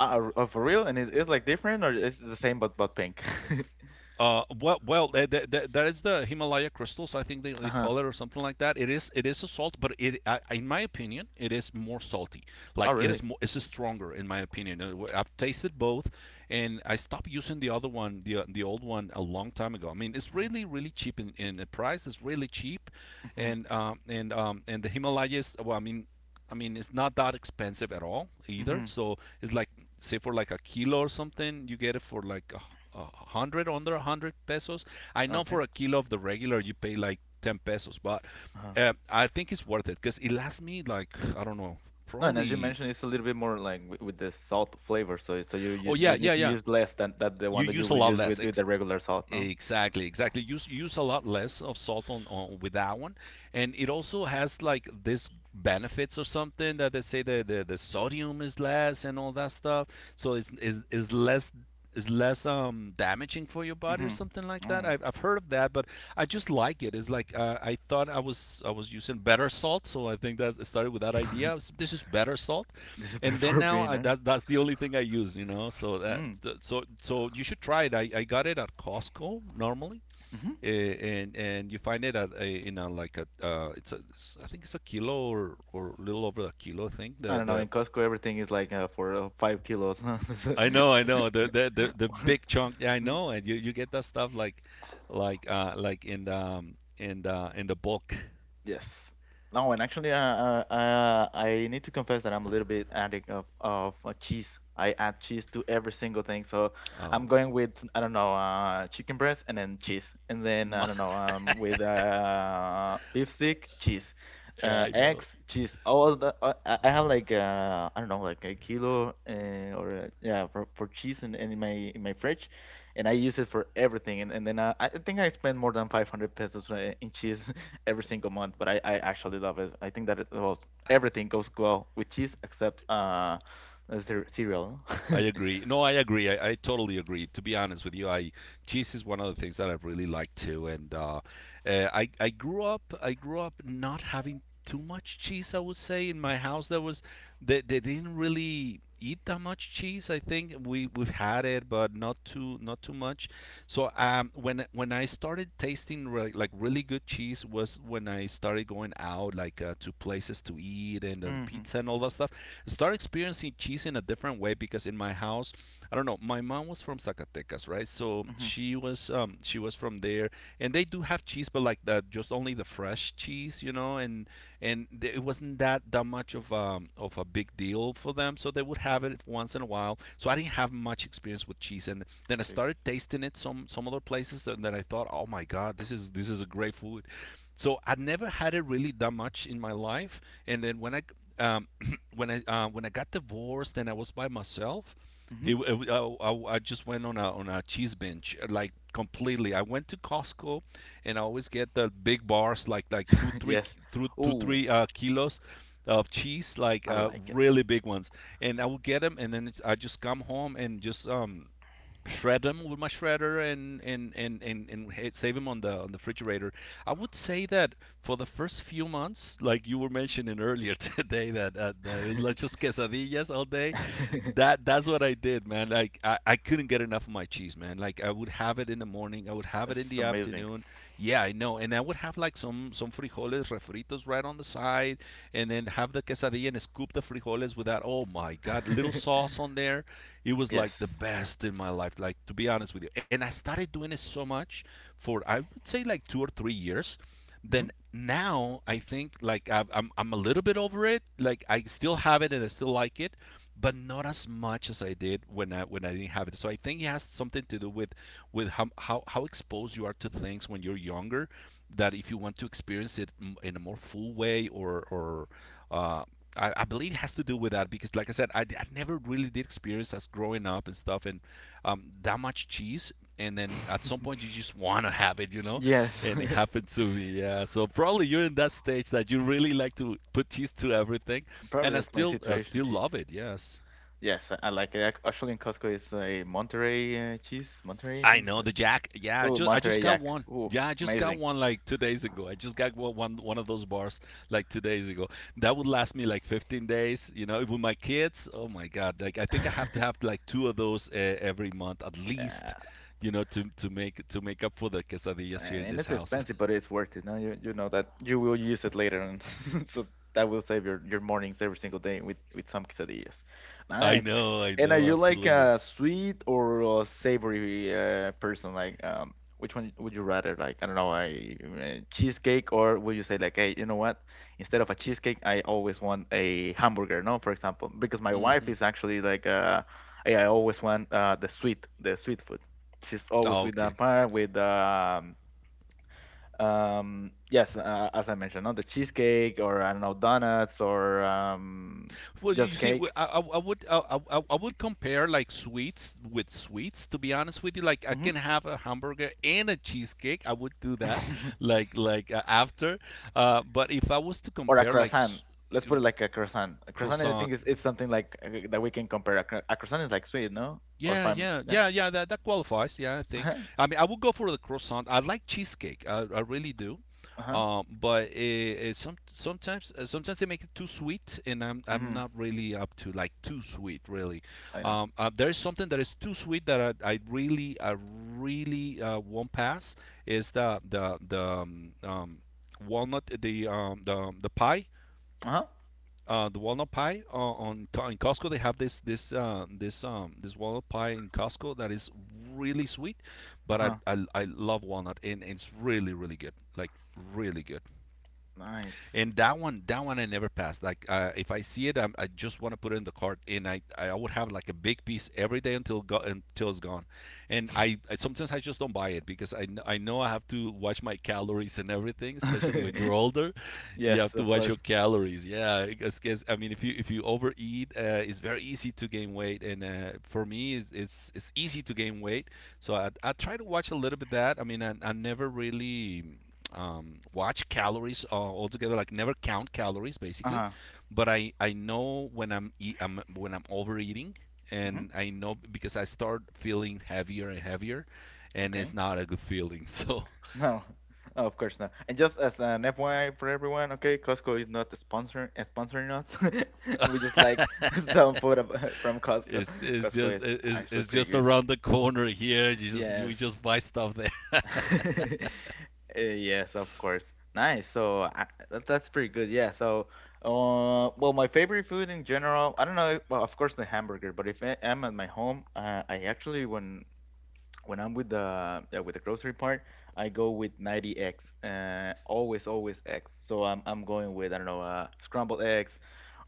[SPEAKER 1] for real, and it is like different or it's the same but pink.
[SPEAKER 2] Well, that is the Himalaya crystals. I think they
[SPEAKER 1] Uh-huh.
[SPEAKER 2] call it or something like that. It is a salt, but in my opinion it is more salty.
[SPEAKER 1] Oh,
[SPEAKER 2] Like it is
[SPEAKER 1] really?
[SPEAKER 2] more it's stronger in my opinion. I've tasted both, and I stopped using the other one, the old one, a long time ago. I mean, it's really cheap in the price. It's really cheap,
[SPEAKER 1] Mm-hmm.
[SPEAKER 2] and the Himalayas. Well, I mean, it's not that expensive at all either.
[SPEAKER 1] Mm-hmm.
[SPEAKER 2] So it's like, say for like a kilo or something, you get it for like a hundred, under a hundred pesos. I know for
[SPEAKER 1] Okay.
[SPEAKER 2] a kilo of the regular, you pay like 10 pesos, but
[SPEAKER 1] Uh-huh.
[SPEAKER 2] I think it's worth it because it lasts me like, I don't know,
[SPEAKER 1] No, and as you
[SPEAKER 2] probably.
[SPEAKER 1] mentioned, it's a little bit more like with the salt flavor, so you,
[SPEAKER 2] Oh,
[SPEAKER 1] you
[SPEAKER 2] yeah,
[SPEAKER 1] you
[SPEAKER 2] yeah,
[SPEAKER 1] need to
[SPEAKER 2] yeah.
[SPEAKER 1] use less than that the
[SPEAKER 2] You
[SPEAKER 1] one that you
[SPEAKER 2] use a
[SPEAKER 1] will
[SPEAKER 2] lot
[SPEAKER 1] use
[SPEAKER 2] less.
[SPEAKER 1] with the regular salt, no?
[SPEAKER 2] Exactly, exactly. Use a lot less of salt on with that one, and it also has like this benefits or something that they say the sodium is less and all that stuff. So it's is less damaging for your body or
[SPEAKER 1] Mm-hmm.
[SPEAKER 2] something like that.
[SPEAKER 1] Oh.
[SPEAKER 2] I've heard of that, but I just like it. It's like I thought I was using better salt, so I think that it started with that idea. This is better salt,
[SPEAKER 1] This is better
[SPEAKER 2] and then
[SPEAKER 1] for being, huh?
[SPEAKER 2] that that's the only thing I use, you know.
[SPEAKER 1] Hmm.
[SPEAKER 2] So so you should try it. I got it at Costco normally,
[SPEAKER 1] Mm-hmm.
[SPEAKER 2] and you find it at a, in a like a it's I think it's a kilo or a little over a kilo thing.
[SPEAKER 1] I don't know.
[SPEAKER 2] The
[SPEAKER 1] In Costco, everything is like for 5 kilos. Huh?
[SPEAKER 2] I know the big chunk. Yeah, I
[SPEAKER 1] Mm,
[SPEAKER 2] know, and you get that stuff like in the in the in the bulk.
[SPEAKER 1] yes. No, and actually, I need to confess that I'm a little bit addict of cheese. I add cheese to every single thing. So I'm
[SPEAKER 2] Oh.
[SPEAKER 1] going with, I don't know, chicken breast and then cheese, and then I
[SPEAKER 2] My,
[SPEAKER 1] don't know, with beef stick, cheese,
[SPEAKER 2] yeah, I know.
[SPEAKER 1] eggs, cheese. All the I have like I don't know, like a kilo or yeah, for cheese in my fridge, and I use it for everything. And then I think I spend more than 500 pesos in cheese every single month, but I actually love it. I think that it well, everything goes well with cheese except the cereal. No?
[SPEAKER 2] I agree. No, I agree. I totally agree. To be honest with you, I cheese is one of the things that I really like too. And I grew up not having too much cheese. I would say in my house there was they didn't really eat that much cheese. I think we've had it, but not too much. So when I started tasting like really good cheese was when I started going out like to places to eat and
[SPEAKER 1] Mm-hmm.
[SPEAKER 2] pizza and all that stuff. Start experiencing cheese in a different way because in my house, I don't know, my mom was from Zacatecas, right? So
[SPEAKER 1] Mm-hmm.
[SPEAKER 2] she was from there, and they do have cheese, but like just only the fresh cheese, you know, and it wasn't that much of a big deal for them, so they would have it once in a while. So I didn't have much experience with cheese, and then I
[SPEAKER 1] Okay.
[SPEAKER 2] started tasting it some other places, and then I thought, oh my god, this is a great food. So I never had it really that much in my life, and then when I um, when I got divorced and I was by myself,
[SPEAKER 1] Mm-hmm.
[SPEAKER 2] I just went on a cheese binge, like completely. I went to Costco, and I always get the big bars like two three
[SPEAKER 1] Yes. Ooh,
[SPEAKER 2] kilos of cheese, like
[SPEAKER 1] I like it.
[SPEAKER 2] really big ones. And I will get them, and then I just come home and just shred them with my shredder and and save them on the refrigerator. I would say that for the first few months, like you were mentioning earlier today, that it was like just quesadillas all day. That's what I did, man. Like I couldn't get enough of my cheese, man. Like I would have it in the morning, I would have it in
[SPEAKER 1] It's
[SPEAKER 2] the
[SPEAKER 1] amazing.
[SPEAKER 2] afternoon. Yeah, I know, and I would have like some frijoles refritos right on the side, and then have the quesadilla and scoop the frijoles with that. Oh my God, little sauce on there. It was
[SPEAKER 1] Yes.
[SPEAKER 2] like the best in my life, like to be honest with you. And I started doing it so much for, I would say, like 2 or 3 years.
[SPEAKER 1] Hmm.
[SPEAKER 2] Then now I think I'm a little bit over it. Like I still have it and I still like it but not as much as I did when I didn't have it. So I think it has something to do with how exposed you are to things when you're younger. That if you want to experience it in a more full way, or uh, I believe it has to do with that because, like I said, I never really did experience as growing up and stuff, and that much cheese and then at some point you just want to have it, you know,
[SPEAKER 1] Yes,
[SPEAKER 2] and it happened to me, yeah, so probably you're in that stage that you really like to put cheese to everything,
[SPEAKER 1] probably
[SPEAKER 2] and
[SPEAKER 1] that's my
[SPEAKER 2] I
[SPEAKER 1] situation
[SPEAKER 2] still
[SPEAKER 1] too.
[SPEAKER 2] love it. Yes,
[SPEAKER 1] Yes, I like it. Actually, in Costco, it's a Monterey cheese. Monterey, I
[SPEAKER 2] I
[SPEAKER 1] think.
[SPEAKER 2] know the jack. Yeah,
[SPEAKER 1] Oh,
[SPEAKER 2] I
[SPEAKER 1] Monterey
[SPEAKER 2] just got
[SPEAKER 1] Yak.
[SPEAKER 2] one.
[SPEAKER 1] Oh,
[SPEAKER 2] Yeah, I just got
[SPEAKER 1] amazing.
[SPEAKER 2] one like 2 days ago, I just got one of those bars like 2 days ago. That would last me like 15 days, you know, with my kids. Oh my god, like I think I have to have like two of those every month at
[SPEAKER 1] Yeah.
[SPEAKER 2] least, you know, to make up for the
[SPEAKER 1] Eh,
[SPEAKER 2] quesadillas here in
[SPEAKER 1] and
[SPEAKER 2] this
[SPEAKER 1] it's
[SPEAKER 2] house.
[SPEAKER 1] expensive, but it's worth it. Now you know that you will use it later, and so that will save your mornings every single day with some quesadillas. Nice.
[SPEAKER 2] I
[SPEAKER 1] And are
[SPEAKER 2] know,
[SPEAKER 1] you like
[SPEAKER 2] absolutely.
[SPEAKER 1] a sweet or a savory person? Like, which one would you rather? Like, I don't know, a cheesecake, or would you say like, hey, you know what? Instead of a cheesecake, I always want a hamburger. No, for example, because my wife
[SPEAKER 2] Hmm.
[SPEAKER 1] is actually like, hey, I always want the sweet, the sweet, food. She's always
[SPEAKER 2] Oh,
[SPEAKER 1] with the
[SPEAKER 2] okay.
[SPEAKER 1] empire, with yes, as I mentioned, no, the cheesecake or I don't know donuts or
[SPEAKER 2] Well, you
[SPEAKER 1] just
[SPEAKER 2] see,
[SPEAKER 1] cake,
[SPEAKER 2] I would compare like sweets with sweets. To be honest with you, like I
[SPEAKER 1] hmm
[SPEAKER 2] can have a hamburger and a cheesecake. I would do that, after. But if I was to
[SPEAKER 1] or a
[SPEAKER 2] compare like
[SPEAKER 1] croissant. Let's put it
[SPEAKER 2] um,
[SPEAKER 1] like a croissant. A croissant, I
[SPEAKER 2] croissant.
[SPEAKER 1] think, is it's something like that we can compare. A croissant is like sweet, no? Or if
[SPEAKER 2] Yeah,
[SPEAKER 1] I'm
[SPEAKER 2] yeah,
[SPEAKER 1] yeah.
[SPEAKER 2] yeah, yeah. That that qualifies. Yeah, I think.
[SPEAKER 1] Uh-huh,
[SPEAKER 2] I mean, I would go for the croissant. I like cheesecake. I really do.
[SPEAKER 1] uh-huh,
[SPEAKER 2] But it sometimes sometimes they make it too sweet, and I'm
[SPEAKER 1] mm-hmm,
[SPEAKER 2] not really up to like too sweet really.
[SPEAKER 1] I know.
[SPEAKER 2] There is something that is too sweet that I really won't pass. Is the walnut the pie,
[SPEAKER 1] Uh-huh,
[SPEAKER 2] the walnut pie on in Costco. They have this walnut pie in Costco that is really sweet, but
[SPEAKER 1] uh-huh.
[SPEAKER 2] I love walnut, and it's really good, like really good,
[SPEAKER 1] Nice.
[SPEAKER 2] and that one, that one I never passed. Like if I see it, I just want to put it in the cart, and I would have like a big piece every day until it's gone, and I sometimes I just don't buy it because I know I have to watch my calories and everything, especially when you're older you
[SPEAKER 1] Yes,
[SPEAKER 2] have to
[SPEAKER 1] of
[SPEAKER 2] watch your
[SPEAKER 1] course.
[SPEAKER 2] calories, yeah, because I mean if you overeat, it's very easy to gain weight, and for me it's easy to gain weight. So I try to watch a little bit that. I never really watch calories altogether. Like never count calories basically,
[SPEAKER 1] Uh-huh.
[SPEAKER 2] but I know when I'm, eat, am when I'm overeating,
[SPEAKER 1] Mm-hmm.
[SPEAKER 2] and I know because I start feeling heavier and heavier, and
[SPEAKER 1] Okay.
[SPEAKER 2] it's not a good feeling. So
[SPEAKER 1] No, of course not. And just as an FYI for everyone, okay, Costco is not sponsoring us. We just like some food from Costco. Costco is actually
[SPEAKER 2] it's
[SPEAKER 1] pretty
[SPEAKER 2] just
[SPEAKER 1] good.
[SPEAKER 2] around the corner here. You
[SPEAKER 1] Yes.
[SPEAKER 2] just buy stuff there.
[SPEAKER 1] Yes, of course. Nice. So that's pretty good. Yeah. So, well, my favorite food in general, I don't know. Well, of course, the hamburger. But if I am at my home, I actually when I'm with the grocery part, I go with 90 eggs, always eggs. So I'm going with, I don't know, scrambled eggs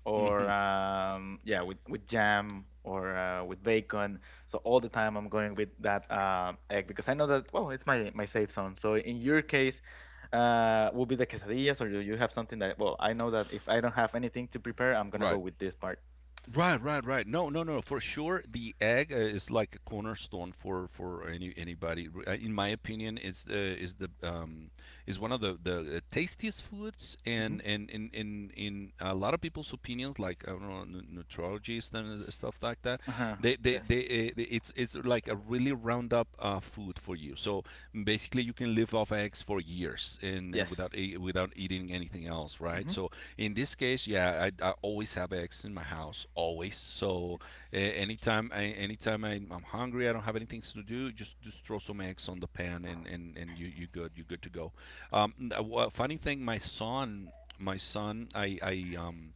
[SPEAKER 1] or
[SPEAKER 2] Mhm.
[SPEAKER 1] yeah, with jam or with bacon. So all the time I'm going with that egg because I know that, well, it's my safe zone. So in your case, will be the quesadillas or do you have something that, well, I know that if I don't have anything to prepare, I'm gonna go
[SPEAKER 2] Right.
[SPEAKER 1] with this part.
[SPEAKER 2] Right, right, right. No, no, no. For sure, the egg is like a cornerstone for anybody. In my opinion, it's is the is one of the tastiest foods,
[SPEAKER 1] Hmm.
[SPEAKER 2] and in a lot of people's opinions, like I don't know, nutrologists and stuff like that.
[SPEAKER 1] Uh huh.
[SPEAKER 2] They they,
[SPEAKER 1] Yes.
[SPEAKER 2] they, uh, they it's like a really round up food for you. So basically, you can live off eggs for years and,
[SPEAKER 1] Yes.
[SPEAKER 2] without without eating anything else, right?
[SPEAKER 1] Hmm.
[SPEAKER 2] So in this case, yeah, I always have eggs in my house, always. So
[SPEAKER 1] Yes.
[SPEAKER 2] anytime, anytime I'm hungry, I don't have anything to do. Just throw some eggs on the pan, and you you good to go. Funny thing, my son,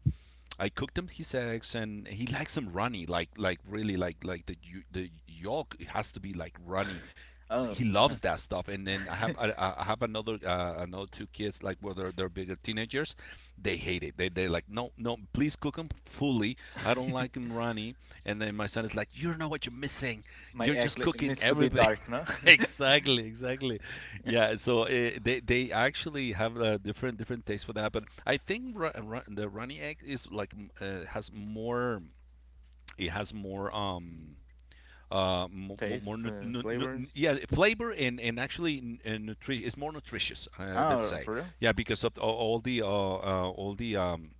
[SPEAKER 2] I cooked him his eggs, and he likes them runny, like really like the yolk has to be like runny. So
[SPEAKER 1] Oh.
[SPEAKER 2] he
[SPEAKER 1] Uh-huh.
[SPEAKER 2] loves that stuff, and then I have another another two kids, like, well, they're bigger teenagers, they hate it. They they're like, no, no, please cook them fully. I don't like them runny. And then my son is like, you don't know what you're missing.
[SPEAKER 1] My
[SPEAKER 2] You're
[SPEAKER 1] egg
[SPEAKER 2] just cooking
[SPEAKER 1] needs to be
[SPEAKER 2] everything.
[SPEAKER 1] dark, no?
[SPEAKER 2] Exactly, exactly. Yeah. So eh, they actually have a different taste for that. But I think the runny egg is like has more. It has more more,
[SPEAKER 1] Taste, flavors.
[SPEAKER 2] yeah, flavor, and actually it's more nutritious, let's
[SPEAKER 1] Ah,
[SPEAKER 2] say,
[SPEAKER 1] for real?
[SPEAKER 2] yeah, because of all the all the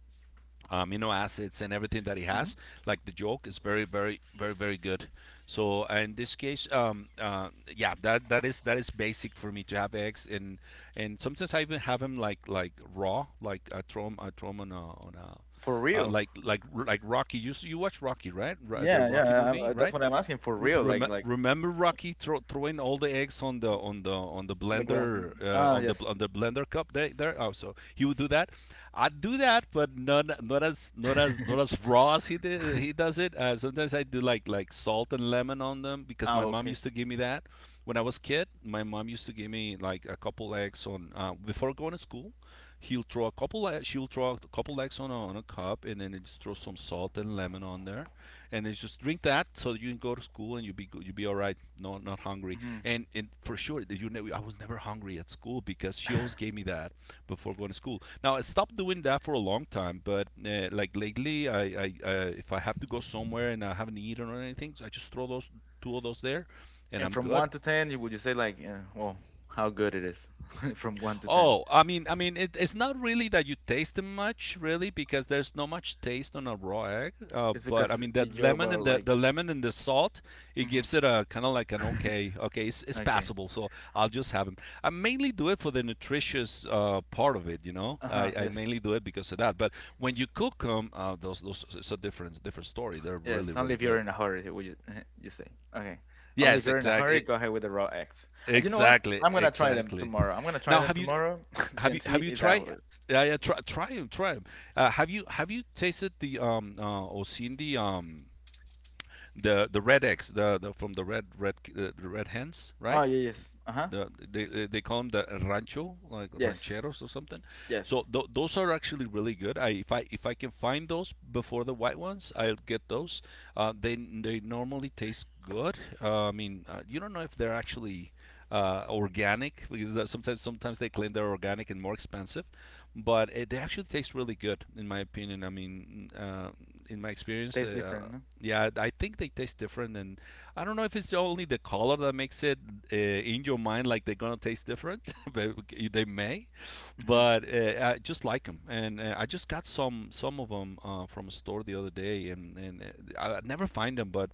[SPEAKER 2] amino acids and everything that it has.
[SPEAKER 1] Mhm.
[SPEAKER 2] Like the yolk is very, very, very, very good. So in this case, yeah, that is basic for me to have eggs, and sometimes I even have them like raw, like I throw 'em on a
[SPEAKER 1] For real?
[SPEAKER 2] like Rocky. You watch Rocky, right? The
[SPEAKER 1] Yeah, yeah.
[SPEAKER 2] Rocky
[SPEAKER 1] I,
[SPEAKER 2] movie,
[SPEAKER 1] I- that's
[SPEAKER 2] right?
[SPEAKER 1] what I'm asking. For real, like,
[SPEAKER 2] Remember Rocky throwing all the eggs on the on the on the
[SPEAKER 1] on the glass.
[SPEAKER 2] blender,
[SPEAKER 1] Ah, yes.
[SPEAKER 2] on the blender cup there there. Oh, so he would do that. I'd do that, but not not as raw as he does it. Sometimes I do like salt and lemon on them because
[SPEAKER 1] Ah,
[SPEAKER 2] my mom
[SPEAKER 1] okay.
[SPEAKER 2] used to give me that when I was kid. My mom used to give me like a couple eggs on, before going to school. He'll throw a couple e- She'll throw a couple eggs on a cup and then just throw some salt and lemon on there and then just drink that so that you can go to school and you'll be all right, no, not hungry,
[SPEAKER 1] Hmm.
[SPEAKER 2] and for sure that I was never hungry at school because she always gave me that before going to school. Now I stopped doing that for a long time, but like lately I if I have to go somewhere and I haven't eaten or anything, so I just throw those two of those there and
[SPEAKER 1] And
[SPEAKER 2] I'm
[SPEAKER 1] from
[SPEAKER 2] good.
[SPEAKER 1] one to ten, you would you say like, well, how good it is? From one to ten.
[SPEAKER 2] Oh, I mean, it, it's not really that you taste them much, really, because there's not much taste on a raw egg.
[SPEAKER 1] It's
[SPEAKER 2] But I
[SPEAKER 1] because
[SPEAKER 2] mean, that
[SPEAKER 1] you're,
[SPEAKER 2] lemon
[SPEAKER 1] well,
[SPEAKER 2] and the
[SPEAKER 1] like,
[SPEAKER 2] the lemon and the salt, it
[SPEAKER 1] Mhm.
[SPEAKER 2] gives it a kind of like an okay, okay, it's
[SPEAKER 1] Okay.
[SPEAKER 2] passable. So I'll just have them. I mainly do it for the nutritious part of it, you know.
[SPEAKER 1] Uh huh.
[SPEAKER 2] I
[SPEAKER 1] Yes.
[SPEAKER 2] mainly do it because of that. But when you cook them, those it's a different story. They're
[SPEAKER 1] Yes,
[SPEAKER 2] really
[SPEAKER 1] only
[SPEAKER 2] really
[SPEAKER 1] if you're
[SPEAKER 2] good.
[SPEAKER 1] in a hurry, would you you say? Okay, only
[SPEAKER 2] Yes,
[SPEAKER 1] if you're in a hurry,
[SPEAKER 2] exactly,
[SPEAKER 1] go ahead with the raw eggs. You know what?
[SPEAKER 2] exactly,
[SPEAKER 1] I'm gonna try them
[SPEAKER 2] exactly.
[SPEAKER 1] tomorrow. I'm gonna try
[SPEAKER 2] Now,
[SPEAKER 1] them
[SPEAKER 2] have you?
[SPEAKER 1] tomorrow and see
[SPEAKER 2] Have you
[SPEAKER 1] if that
[SPEAKER 2] tried?
[SPEAKER 1] works.
[SPEAKER 2] Yeah, yeah, try 'em, try 'em. Have you tasted the or seen the red eggs, the from the red red the red hens,
[SPEAKER 1] Oh
[SPEAKER 2] right?
[SPEAKER 1] yeah, yes. Uh huh.
[SPEAKER 2] The, they, call them the rancho, like
[SPEAKER 1] Yes,
[SPEAKER 2] rancheros or something.
[SPEAKER 1] yes.
[SPEAKER 2] So those are actually really good. I If I if I can find those before the white ones, I'll get those. They normally taste good. I mean, you don't know if they're actually organic, because sometimes they claim they're organic and more expensive, but it, they actually taste really good in my opinion. I mean, in my experience.
[SPEAKER 1] Tastes different, no?
[SPEAKER 2] Yeah, I think they taste different, and I don't know if it's only the color that makes it in your mind like they're gonna taste different. But they may,
[SPEAKER 1] Hmm.
[SPEAKER 2] but I just like them, and I just got some of them from a store the other day, and I never find them. But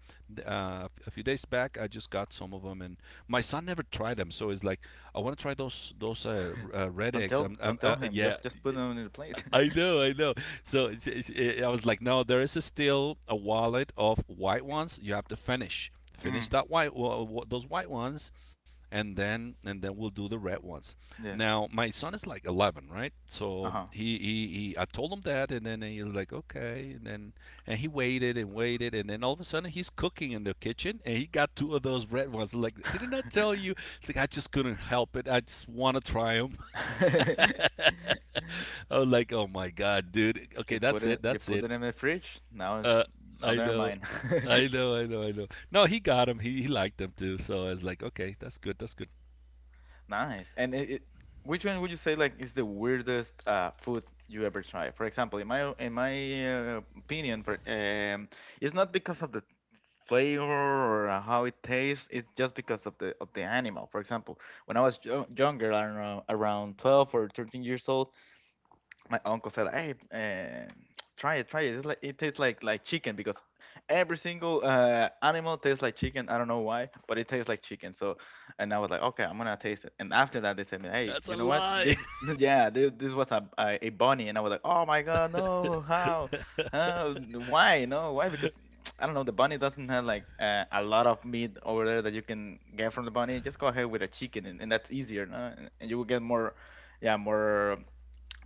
[SPEAKER 2] a few days back, I just got some of them, and my son never tried them, so it's like I want to try those red
[SPEAKER 1] Don't
[SPEAKER 2] eggs.
[SPEAKER 1] tell,
[SPEAKER 2] I'm
[SPEAKER 1] don't tell him.
[SPEAKER 2] yeah.
[SPEAKER 1] Just put them in the plate.
[SPEAKER 2] I know, I know. So it's, I was like, no, there is still a wallet of white ones. You have to finish, finish
[SPEAKER 1] Mhm.
[SPEAKER 2] that white, those white ones, and then we'll do the red ones. Now
[SPEAKER 1] Yes.
[SPEAKER 2] my son is like 11, right? So
[SPEAKER 1] Uh
[SPEAKER 2] he, I told him that, and then he was like, okay, and then and he waited and waited, and then all of a sudden he's cooking in the kitchen, and he got two of those red ones. Like, didn't I
[SPEAKER 1] huh.
[SPEAKER 2] tell you? It's like I just couldn't help it. I just want to try them. I was like, oh my god, dude. Okay,
[SPEAKER 1] you put
[SPEAKER 2] that's
[SPEAKER 1] it,
[SPEAKER 2] it.
[SPEAKER 1] you
[SPEAKER 2] That's
[SPEAKER 1] put
[SPEAKER 2] it.
[SPEAKER 1] it in the fridge. Now it's
[SPEAKER 2] Uh,
[SPEAKER 1] now
[SPEAKER 2] I
[SPEAKER 1] they're
[SPEAKER 2] know.
[SPEAKER 1] mine.
[SPEAKER 2] I know. No, he got him. He liked him too. So I was like, okay, that's good, that's good.
[SPEAKER 1] Nice. And which one would you say like is the weirdest food you ever tried? For example, in my opinion, it's not because of the flavor or how it tastes. It's just because of the animal. For example, when I was yo younger, I don't know, around 12 or 13 years old, my uncle said, "Hey, try it, try it. It's like, it tastes like chicken because every single animal tastes like chicken. I don't know why, but it tastes like chicken. So, and I was like, okay, I'm gonna taste it." And after that, they said, me, hey,
[SPEAKER 2] That's
[SPEAKER 1] you
[SPEAKER 2] a
[SPEAKER 1] know what?
[SPEAKER 2] lie.
[SPEAKER 1] This, yeah, this was a bunny, and I was like, oh my god, no, how, why, no, why? Because I don't know, the bunny doesn't have like a lot of meat over there that you can get from the bunny. Just go ahead with a chicken, and that's easier, no? And you will get more, yeah, more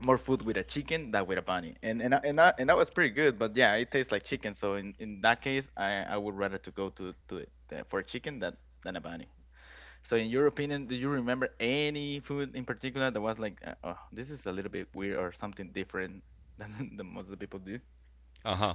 [SPEAKER 1] more food with a chicken than with a bunny, and that was pretty good. But yeah, it tastes like chicken. So in that case, I would rather to go to it for chicken than a bunny. So in your opinion, do you remember any food in particular that was like, oh, this is a little bit weird or something different than the most of the people do?
[SPEAKER 2] Uh huh.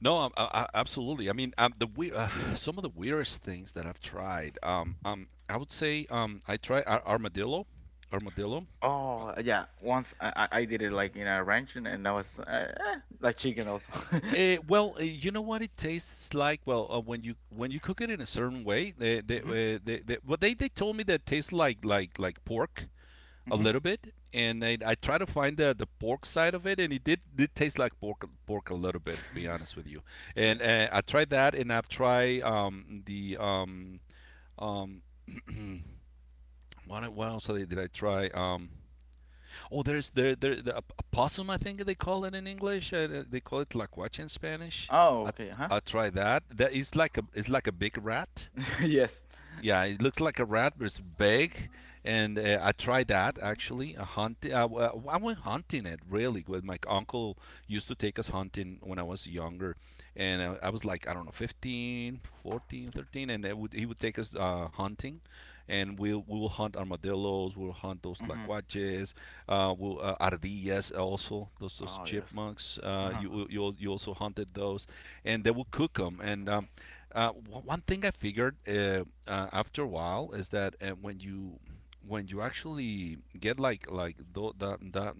[SPEAKER 2] No, I absolutely, I mean, some of the weirdest things that I've tried. I would say, I tried armadillo, armadillo.
[SPEAKER 1] Oh yeah, once I did it like in a ranch, and that was like chicken also.
[SPEAKER 2] Eh, well, eh, you know what it tastes like. Well, when you cook it in a certain way,
[SPEAKER 1] Hmm.
[SPEAKER 2] they told me that it tastes like pork a
[SPEAKER 1] Hmm.
[SPEAKER 2] little bit, and I try to find the pork side of it, and it did taste like pork a little bit. Be honest with you, and
[SPEAKER 1] Yes.
[SPEAKER 2] I tried that, and I've tried the um what else did I try? Oh, there's the opossum, I think they call it in English. They call it tlacuache in Spanish.
[SPEAKER 1] Oh,
[SPEAKER 2] I
[SPEAKER 1] okay. Huh.
[SPEAKER 2] I try that. That is like a it's like a big rat.
[SPEAKER 1] Yes.
[SPEAKER 2] Yeah, it looks like a rat, but it's big. And I tried that actually. A hunt. I went hunting it really good. My uncle used to take us hunting when I was younger, and I was like, I don't know, 15, 14, 13, and he would take us, hunting and we will hunt armadillos. We'll hunt those
[SPEAKER 1] Hmm.
[SPEAKER 2] tlacuaches, we'll, ardillas also. Those
[SPEAKER 1] Oh, yes.
[SPEAKER 2] chipmunks.
[SPEAKER 1] Uh huh.
[SPEAKER 2] You also hunted those, and they will cook them. And uh, one thing I figured, after a while, is that when you actually get like that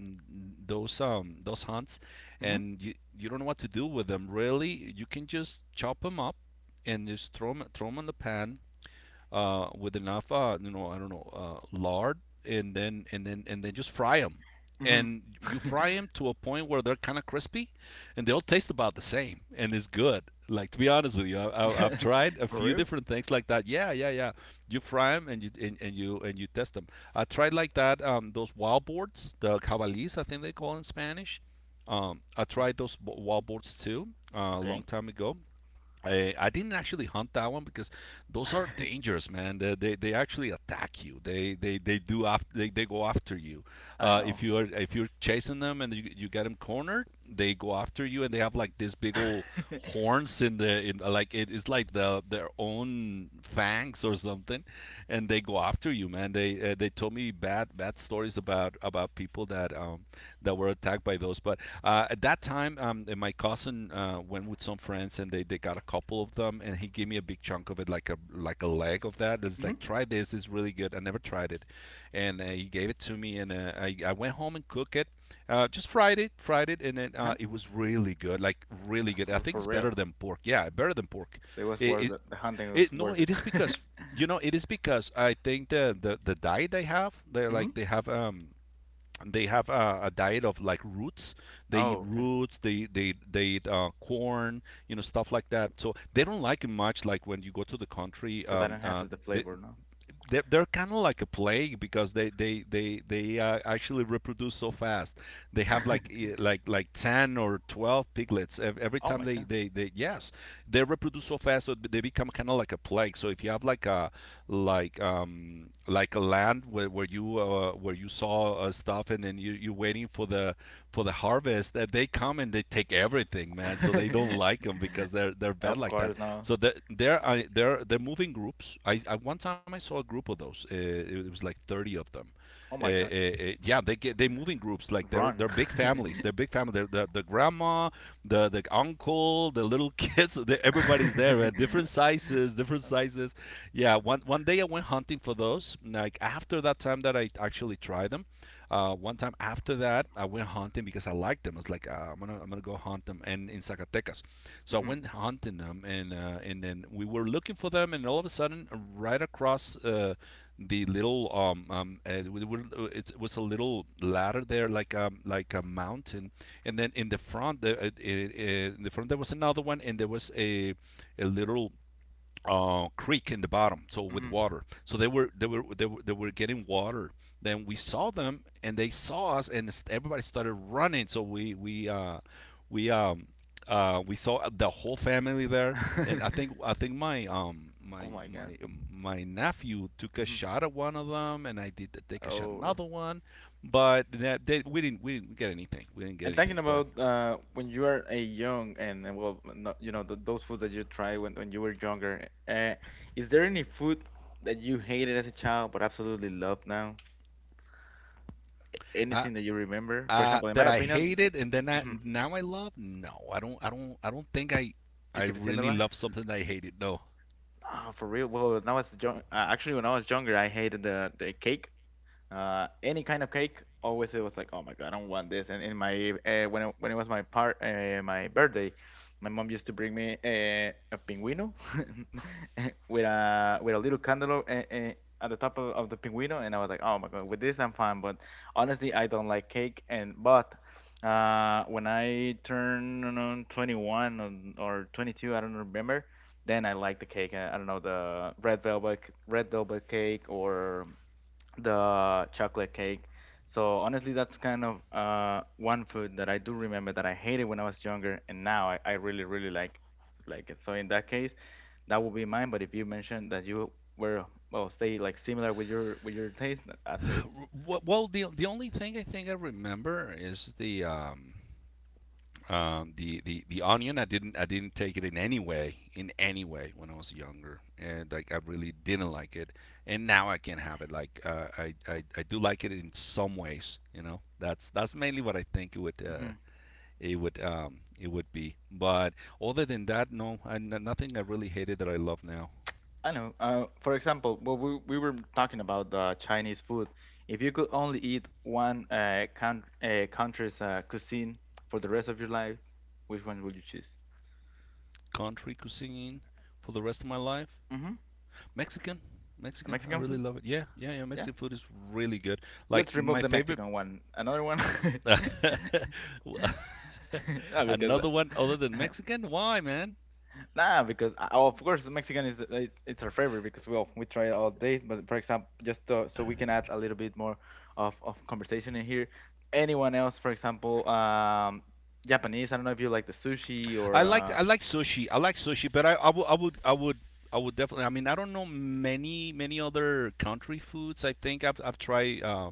[SPEAKER 2] those hunts, and you don't know what to do with them really, you can just chop them up and just throw them in the pan, with enough, you know, I don't know, lard, and then just fry them.
[SPEAKER 1] Mhm.
[SPEAKER 2] And you fry them to a point where they're kind of crispy, and they all taste about the same, and it's good. Like to be honest with you, I, I've tried a
[SPEAKER 1] For
[SPEAKER 2] few
[SPEAKER 1] real?
[SPEAKER 2] different things like that. Yeah, yeah, yeah. You fry them and you test them. I tried like that. Those wild boards, the cabalis, I think they call it in Spanish. I
[SPEAKER 1] Mm,
[SPEAKER 2] tried those wild boards too, a long
[SPEAKER 1] okay.
[SPEAKER 2] time ago. I didn't actually hunt that one because those are dangerous, man. They actually attack you. They do, they go after you.
[SPEAKER 1] I
[SPEAKER 2] If
[SPEAKER 1] know.
[SPEAKER 2] you are if you're chasing them and you get them cornered, they go after you, and they have like this big old horns in the in like it is like their own fangs or something, and they go after you, man. They, they told me bad stories about of people that, that were attacked by those. But at that time, my cousin, went with some friends, and they got a couple of them, and he gave me a big chunk of it, like a leg of that. It's like,
[SPEAKER 1] Hmm.
[SPEAKER 2] try this, it's really good. I never tried it, and he gave it to me, and I went home and cooked it. Just fried it, and then,
[SPEAKER 1] Uh-huh.
[SPEAKER 2] it was really good, like really good. I
[SPEAKER 1] For,
[SPEAKER 2] think
[SPEAKER 1] for
[SPEAKER 2] it's better
[SPEAKER 1] real.
[SPEAKER 2] than pork. Yeah, better than pork.
[SPEAKER 1] So it was
[SPEAKER 2] It,
[SPEAKER 1] worth
[SPEAKER 2] it,
[SPEAKER 1] it. The hunting was
[SPEAKER 2] it, no,
[SPEAKER 1] worth it.
[SPEAKER 2] it is because, you know, it is because I think the diet they have, they're like
[SPEAKER 1] Hmm.
[SPEAKER 2] they have a diet of like roots. They eat
[SPEAKER 1] Oh, okay.
[SPEAKER 2] roots. They eat, corn. You know, stuff like that. So they don't like it much. Like when you go to the country,
[SPEAKER 1] So that enhances the flavor, no?
[SPEAKER 2] they're kind of like a plague because they actually reproduce so fast. They have like 10 or 12 piglets every
[SPEAKER 1] Oh
[SPEAKER 2] time
[SPEAKER 1] my
[SPEAKER 2] they
[SPEAKER 1] god.
[SPEAKER 2] they, they yes, they reproduce so fast. So they become kind of like a plague. So if you have like a like like a land where, where you saw stuff, and then you you're waiting for the harvest, that they come and they take everything, man. So they don't like them because they're bad
[SPEAKER 1] Of
[SPEAKER 2] like that.
[SPEAKER 1] course, no.
[SPEAKER 2] So they're moving groups. I One time I saw a group of those. It was like 30 of them.
[SPEAKER 1] Oh my god.
[SPEAKER 2] Yeah, they move in groups. Like they're
[SPEAKER 1] Run.
[SPEAKER 2] they're big families. They're big family. The grandma, the uncle, the little kids, everybody's there. Right? Different sizes, different sizes. Yeah. One day I went hunting for those. Like after that time that I actually tried them. One time after that, I went hunting because I liked them. I was like, I'm gonna go hunt them. And in Zacatecas, so I
[SPEAKER 1] Hmm.
[SPEAKER 2] went hunting them, and then we were looking for them, and all of a sudden, right across the little uh, it was a little ladder there, like a mountain, and then in the front, in the front there was another one, and there was a little creek in the bottom, so with
[SPEAKER 1] Hmm.
[SPEAKER 2] water. So they were getting water. Then we saw them, and they saw us, and everybody started running. So we um we saw the whole family there, and I think I think
[SPEAKER 1] Oh my god.
[SPEAKER 2] my nephew took a
[SPEAKER 1] Hmm.
[SPEAKER 2] shot at one of them, and I did take a shot at
[SPEAKER 1] Oh.
[SPEAKER 2] another one, but we didn't get anything. We didn't get
[SPEAKER 1] And talking
[SPEAKER 2] anything, but
[SPEAKER 1] about, when you are a young, and well, no, th those food that you try when, you were younger, is there any food that you hated as a child but absolutely love now?
[SPEAKER 2] I...
[SPEAKER 1] Anything that you remember? For example, in my
[SPEAKER 2] That I
[SPEAKER 1] opinion,
[SPEAKER 2] hated and then I
[SPEAKER 1] Mhm.
[SPEAKER 2] now I love? No, I don't. I don't. I don't think I...
[SPEAKER 1] You
[SPEAKER 2] I
[SPEAKER 1] keep it
[SPEAKER 2] really
[SPEAKER 1] similar.
[SPEAKER 2] love something that I hated. No.
[SPEAKER 1] Ah, for real? Well, when I was young, actually, when I was younger, I hated the cake. Any kind of cake. Always it was like, oh my god, I don't want this. And in my when it was my part, my birthday, my mom used to bring me a pinguino with a little candle at the top of the pinguino, and I was like, oh my god, with this I'm fine. But honestly, I don't like cake. And but when I turned 21 or 22, I don't remember. Then I like the cake. I don't know, the red velvet cake or the chocolate cake. So honestly, that's kind of one food that I do remember that I hated when I was younger, and now I really, really like it. So in that case, that would be mine. But if you mentioned that you were, well, stay like similar with your taste, that's good.
[SPEAKER 2] Well, the only thing I think I remember is the onion. I didn't take it in any way, in any way, when I was younger, and like I really didn't like it. And now I can have it. Like I do like it in some ways. You know, that's mainly what I think it would
[SPEAKER 1] Hmm.
[SPEAKER 2] it would be. But other than that, no, I... nothing I really hated that I love now.
[SPEAKER 1] I know. For example, well, we were talking about the Chinese food. If you could only eat one country's cuisine for the rest of your life, which one would you choose?
[SPEAKER 2] Country cuisine for the rest of my life.
[SPEAKER 1] Hmm.
[SPEAKER 2] Mexican.
[SPEAKER 1] The
[SPEAKER 2] Mexican, I
[SPEAKER 1] Mexican
[SPEAKER 2] really
[SPEAKER 1] food?
[SPEAKER 2] love it. Yeah, yeah, yeah.
[SPEAKER 1] Yeah.
[SPEAKER 2] Mexican food is really good.
[SPEAKER 1] Let's
[SPEAKER 2] Like
[SPEAKER 1] remove
[SPEAKER 2] my
[SPEAKER 1] the
[SPEAKER 2] favorite.
[SPEAKER 1] Mexican one. Another one. Nah, because
[SPEAKER 2] Another one other than Mexican? Why, man?
[SPEAKER 1] nah, because oh, of course Mexican is, it's our favorite because, well, we try it all days. But for example, just to, so we can add a little bit more of conversation in here. Anyone else, for example, Japanese. I don't know if you like the sushi or
[SPEAKER 2] I like sushi. I like sushi, but I would definitely. I mean, I don't know many many other country foods. I think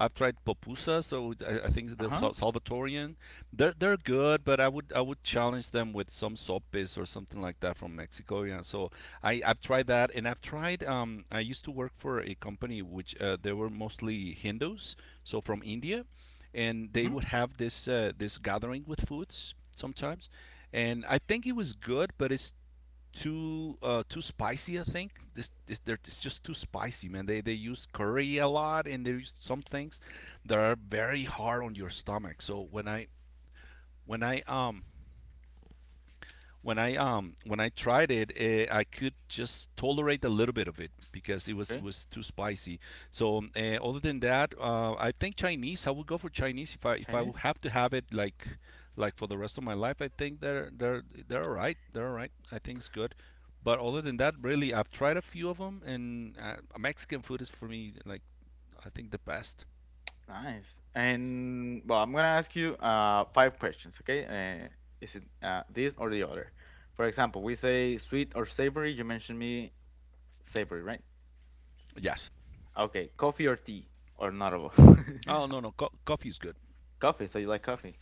[SPEAKER 2] I've tried pupusa, so I think
[SPEAKER 1] huh.
[SPEAKER 2] they're Salvatorian. They're good, but I would challenge them with some sopes or something like that from Mexico. Yeah, so I I've tried that, and I've tried... I used to work for a company which they were mostly Hindus, so from India, and they
[SPEAKER 1] Mm-hmm.
[SPEAKER 2] would have this this gathering with foods sometimes, and I think it was good, but it's too spicy. I think it's just too spicy, man. They use curry a lot, and they use some things that are very hard on your stomach. So when I um when I tried it, I could just tolerate a little bit of it because it
[SPEAKER 1] Okay,
[SPEAKER 2] was too spicy. So other than that, I think Chinese. I would go for Chinese if I would
[SPEAKER 1] Chinese.
[SPEAKER 2] have to have it like for the rest of my life. I think they're they're all right. They're all right. I think it's good. But other than that, really, I've tried a few of them, and Mexican food is for me like I think the best.
[SPEAKER 1] Nice. And, well, I'm gonna ask you five questions, okay? Uh, is it this or the other? For example, we say sweet or savory. You mentioned me savory, right?
[SPEAKER 2] Yes.
[SPEAKER 1] Okay, coffee or tea or not at all?
[SPEAKER 2] Oh no, coffee is good.
[SPEAKER 1] Coffee. So you like coffee?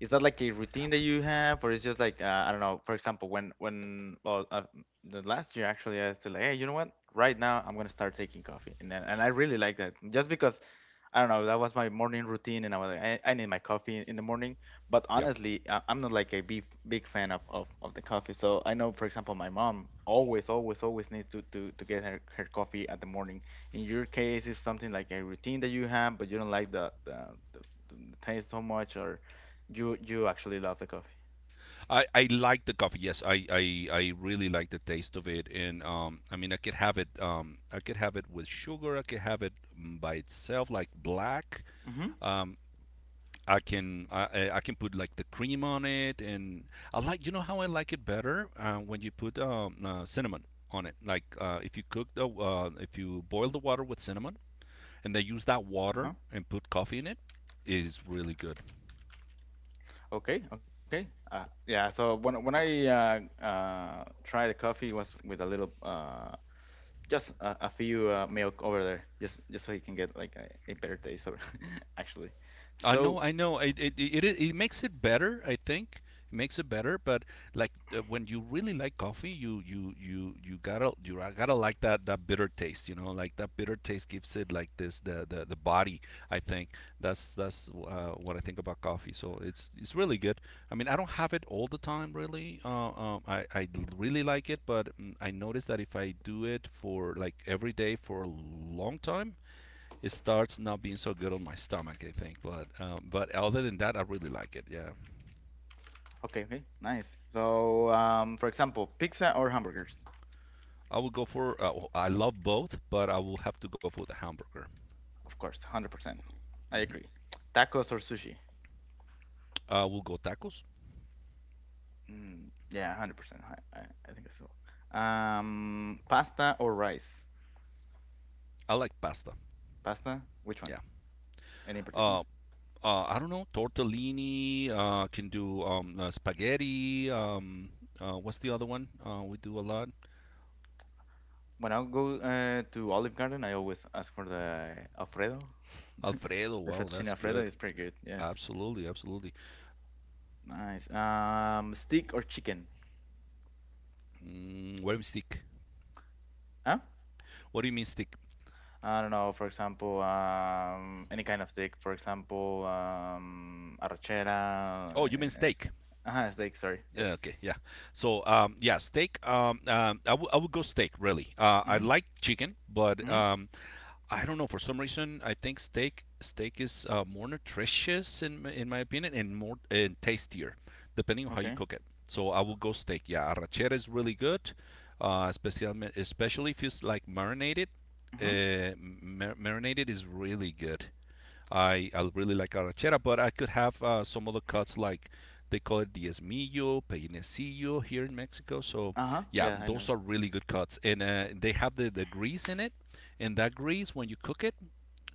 [SPEAKER 1] Is that like a routine that you have, or is just like I don't know? For example, when well, the last year actually, I said like, hey, you know what? Right now, I'm gonna start taking coffee, and then, and I really like that, just because I don't know that was my morning routine, and I was like, I need my coffee in the morning. But
[SPEAKER 2] Yep.
[SPEAKER 1] honestly, I'm not like a big fan of the coffee. So I know, for example, my mom always needs to get her coffee at the morning. In your case, it's something like a routine that you have, but you don't like the, the taste so much, or you actually love the coffee.
[SPEAKER 2] I like the coffee. Yes, I really like the taste of it, and I mean I could have it I could have it with sugar. I could have it, by itself, like black.
[SPEAKER 1] Mm-hmm.
[SPEAKER 2] Um, I can... I can put like the cream on it, and I like... You know how I like it better when you put cinnamon on it. Like if you cook the... if you boil the water with cinnamon, and they use that
[SPEAKER 1] Uh-huh.
[SPEAKER 2] water and put coffee in it, is really good.
[SPEAKER 1] Okay, okay. Yeah, so when I tried the coffee, it was with a little just a few milk over there, just so you can get like a better taste over actually.
[SPEAKER 2] I
[SPEAKER 1] So
[SPEAKER 2] know, I know. It makes it better. I think it makes it better. But like when you really like coffee, you gotta like that bitter taste. You know, like that bitter taste gives it like this the body. I think that's what I think about coffee. So it's really good. I mean, I don't have it all the time really. I really like it, but I notice that if I do it for like every day for a long time, it starts not being so good on my stomach, I think. But other than that, I really like it. Yeah,
[SPEAKER 1] okay, okay, nice. So for example, pizza or hamburgers,
[SPEAKER 2] I would go for... I love both, but I will have to go for the hamburger.
[SPEAKER 1] of course, 100%. I
[SPEAKER 2] Hmm.
[SPEAKER 1] agree. Tacos or sushi?
[SPEAKER 2] I will go tacos.
[SPEAKER 1] Mm, yeah, 100%. I think so. Pasta or rice?
[SPEAKER 2] I like pasta.
[SPEAKER 1] Pasta? Which one?
[SPEAKER 2] Yeah.
[SPEAKER 1] Any particular?
[SPEAKER 2] Uh, I don't know, tortellini. Can do spaghetti. What's the other one? We do a lot.
[SPEAKER 1] When I go to Olive Garden, I always ask for the Alfredo.
[SPEAKER 2] Alfredo.
[SPEAKER 1] The
[SPEAKER 2] Wow,
[SPEAKER 1] fettuccine
[SPEAKER 2] that's
[SPEAKER 1] Alfredo
[SPEAKER 2] good.
[SPEAKER 1] is pretty good. Yes.
[SPEAKER 2] Absolutely, absolutely.
[SPEAKER 1] Nice. Steak or chicken?
[SPEAKER 2] Mm, what do you mean steak?
[SPEAKER 1] Huh?
[SPEAKER 2] What do you mean steak?
[SPEAKER 1] I don't know. For example, any kind of steak. For example, arrachera.
[SPEAKER 2] Oh, you mean steak?
[SPEAKER 1] Steak. Sorry. Yes.
[SPEAKER 2] Yeah. Okay, yeah. So, yeah, steak. I would go steak really. I
[SPEAKER 1] Mhm.
[SPEAKER 2] like chicken, but
[SPEAKER 1] Mhm.
[SPEAKER 2] I don't know, for some reason I think steak is more nutritious in my in my opinion and more and tastier, depending on how you
[SPEAKER 1] Okay.
[SPEAKER 2] cook it. So I will go steak. Yeah, arrachera is really good, especially especially if it's like marinated.
[SPEAKER 1] Mhm.
[SPEAKER 2] Marinated is really good. I really like arachera, but I could have some other cuts like they call it diezmillo, peinecillo here in Mexico. So
[SPEAKER 1] Uh huh.
[SPEAKER 2] yeah,
[SPEAKER 1] Yeah, I know.
[SPEAKER 2] those are really good cuts, and they have the grease in it, and that grease when you cook it,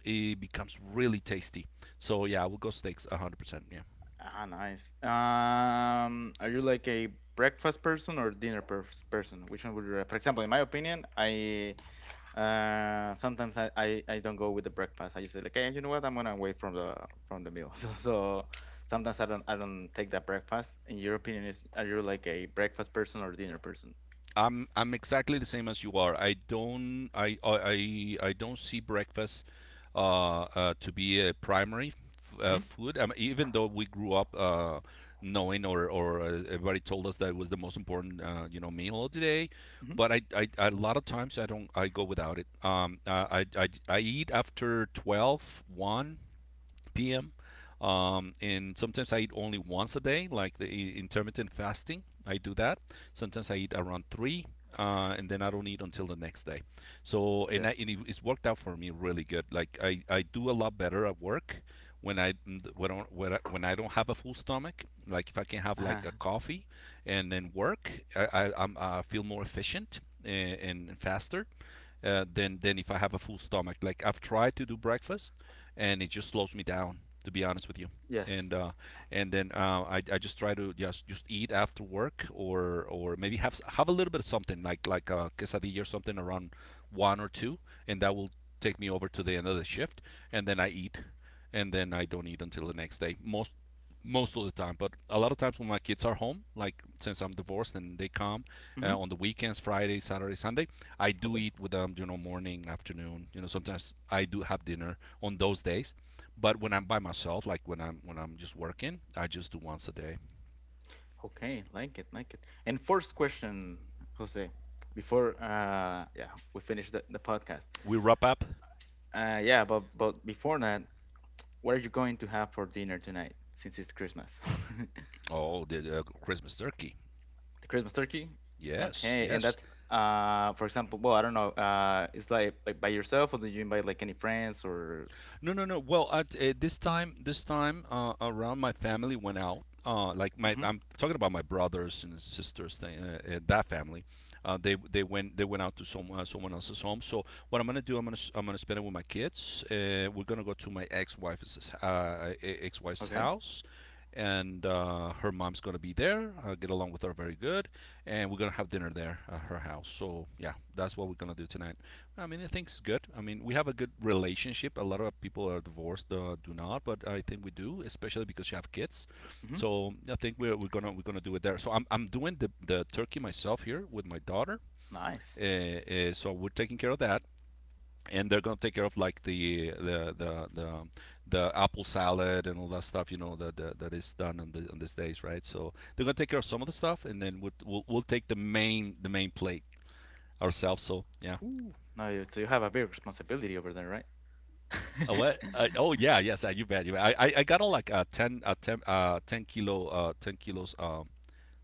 [SPEAKER 2] it becomes really tasty. So yeah, I will go steaks 100%. Yeah.
[SPEAKER 1] Ah, nice. Are you like a breakfast person or dinner person? Which one would you? For example, in my opinion, I sometimes I don't go with the breakfast. I just say like, hey, you know what? I'm gonna wait from the meal. So so sometimes I don't take that breakfast. In your opinion, is are you like a breakfast person or dinner person?
[SPEAKER 2] I'm exactly the same as you are. I don't see breakfast to be a primary
[SPEAKER 1] Mm-hmm.
[SPEAKER 2] food. Even though we grew up knowing or everybody told us that it was the most important you know meal of the day,
[SPEAKER 1] Mm-hmm.
[SPEAKER 2] but I a lot of times I go without it. I eat after 12, 1, p.m. And sometimes I eat only once a day, like the intermittent fasting. I do that. Sometimes I eat around three, and then I don't eat until the next day. So
[SPEAKER 1] Yes.
[SPEAKER 2] and it's worked out for me really good. Like I do a lot better at work when I when I don't have a full stomach. Like if I can have
[SPEAKER 1] Uh-huh.
[SPEAKER 2] like a coffee and then work, I'm... I feel more efficient and faster than if I have a full stomach. Like I've tried to do breakfast, and it just slows me down. To be honest with you,
[SPEAKER 1] Yes.
[SPEAKER 2] and uh, I just try to just eat after work, or maybe have have a little bit of something like a quesadilla or something around one or two, and that will take me over to the end of the shift, and then I eat, and then I don't eat until the next day. Most of the time. But a lot of times when my kids are home, like since I'm divorced and they come
[SPEAKER 1] Mm-hmm.
[SPEAKER 2] on the weekends, Friday, Saturday, Sunday, I do
[SPEAKER 1] Okay.
[SPEAKER 2] eat with them, you know, morning, afternoon. You know, sometimes I do have dinner on those days. But when I'm by myself, like when I'm just working, I just do once a day.
[SPEAKER 1] Okay, like it, like it. And first question, Jose, before yeah, we finish the podcast.
[SPEAKER 2] We wrap up.
[SPEAKER 1] Yeah, but before that, what are you going to have for dinner tonight since it's Christmas?
[SPEAKER 2] Oh, the Christmas turkey.
[SPEAKER 1] The Christmas turkey?
[SPEAKER 2] Yes,
[SPEAKER 1] Okay, and
[SPEAKER 2] yes.
[SPEAKER 1] that's for example, well, I don't know, it's like by yourself or do you invite like any friends or
[SPEAKER 2] No, no, no. Well, at this time around, my family went out.
[SPEAKER 1] Mhm.
[SPEAKER 2] I'm talking about my brothers and sisters thing. That family, they went out to someone else's home. So what I'm gonna do, I'm gonna spend it with my kids. We're gonna go to ex-wife's
[SPEAKER 1] Okay.
[SPEAKER 2] house. And her mom's gonna be there. I get along with her very good, and we're gonna have dinner there at her house. So yeah, that's what we're gonna do tonight. I mean, I think it's good. I mean, we have a good relationship. A lot of people are divorced, do not, but I think we do, especially because you have kids.
[SPEAKER 1] Mhm.
[SPEAKER 2] So I think we're gonna do it there. So I'm doing the turkey myself here with my daughter.
[SPEAKER 1] Nice.
[SPEAKER 2] So we're taking care of that, and they're gonna take care of like the apple salad and all that stuff. You know that is done on these days, right? So they're gonna take care of some of the stuff, and then we'll take the main plate ourselves. So yeah.
[SPEAKER 1] Ooh. Now you so you have a big responsibility over there, right?
[SPEAKER 2] What? Oh yeah, yes. You bet. You bet. I got a like 10 kilo 10 kilos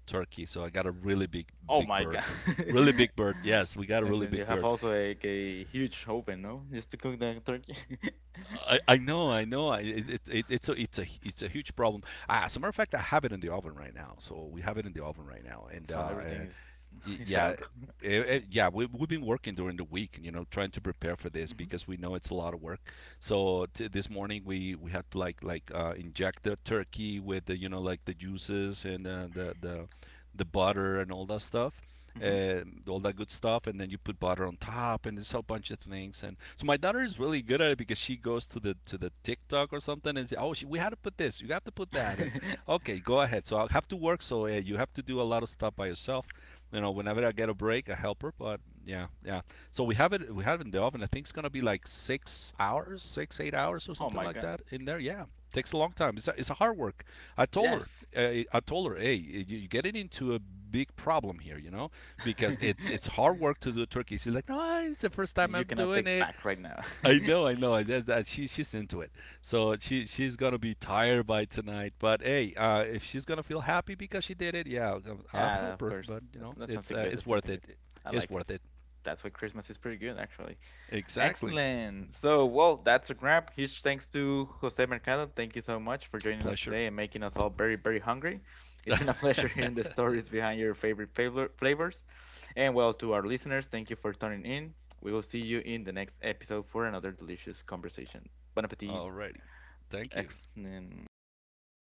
[SPEAKER 2] turkey. So I got a really big
[SPEAKER 1] Oh
[SPEAKER 2] big
[SPEAKER 1] my
[SPEAKER 2] bird.
[SPEAKER 1] god.
[SPEAKER 2] Really big bird. Yes, we got a
[SPEAKER 1] And
[SPEAKER 2] really
[SPEAKER 1] then
[SPEAKER 2] big
[SPEAKER 1] you have
[SPEAKER 2] bird.
[SPEAKER 1] also like a huge oven, no? Just to cook the turkey.
[SPEAKER 2] I know, I know. It's a it's a huge problem. Ah, as a matter of fact, I have it in the oven right now. So we have it in the oven right now, and
[SPEAKER 1] So
[SPEAKER 2] uh,
[SPEAKER 1] everything
[SPEAKER 2] and
[SPEAKER 1] is
[SPEAKER 2] y-
[SPEAKER 1] is set
[SPEAKER 2] yeah,
[SPEAKER 1] up.
[SPEAKER 2] yeah. We've been working during the week, you know, trying to prepare for this
[SPEAKER 1] Hmm.
[SPEAKER 2] because we know it's a lot of work. So this morning we had to inject the turkey with the you know like the juices and the the butter and all that stuff,
[SPEAKER 1] Hmm.
[SPEAKER 2] uh, all that good stuff, and then you put butter on top, and this whole bunch of things. And so my daughter is really good at it because she goes to the TikTok or something and say, "Oh, she, we had to put this. You have to put that." And okay, go ahead. So I have to work, so you have to do a lot of stuff by yourself. You know, whenever I get a break, I help her. But yeah, yeah. So we have it. We have it in the oven. I think it's gonna be like 6 hours, 6 8 hours or
[SPEAKER 1] Oh
[SPEAKER 2] something
[SPEAKER 1] my
[SPEAKER 2] like
[SPEAKER 1] god.
[SPEAKER 2] that in there. Yeah, takes a long time. It's a hard work. I told
[SPEAKER 1] Yes.
[SPEAKER 2] her. I told her, hey, you get it into a big problem here, you know, because it's hard work to do turkey. She's like, no, it's the first
[SPEAKER 1] And
[SPEAKER 2] time
[SPEAKER 1] you
[SPEAKER 2] I'm
[SPEAKER 1] cannot
[SPEAKER 2] doing
[SPEAKER 1] take
[SPEAKER 2] it.
[SPEAKER 1] back right now.
[SPEAKER 2] I know, I know. That she's into it, so she's gonna be tired by tonight. But hey, if she's gonna feel happy because she did it, yeah, I'll
[SPEAKER 1] Yeah,
[SPEAKER 2] help
[SPEAKER 1] of
[SPEAKER 2] her.
[SPEAKER 1] course.
[SPEAKER 2] But you know,
[SPEAKER 1] That's something good.
[SPEAKER 2] it's
[SPEAKER 1] That's
[SPEAKER 2] worth
[SPEAKER 1] something
[SPEAKER 2] it.
[SPEAKER 1] good. I
[SPEAKER 2] It's
[SPEAKER 1] like it.
[SPEAKER 2] worth it.
[SPEAKER 1] That's why Christmas is pretty good actually.
[SPEAKER 2] Exactly.
[SPEAKER 1] Excellent. So, well, that's a wrap. Huge thanks to Jose Mercado. Thank you so much for joining us
[SPEAKER 2] Pleasure.
[SPEAKER 1] today and making us all very, very hungry. It's been a pleasure hearing the stories behind your favorite flavors. And, well, to our listeners, thank you for tuning in. We will see you in the next episode for another delicious conversation. Bon appetit.
[SPEAKER 2] Alrighty. Thank you.
[SPEAKER 1] Excellent.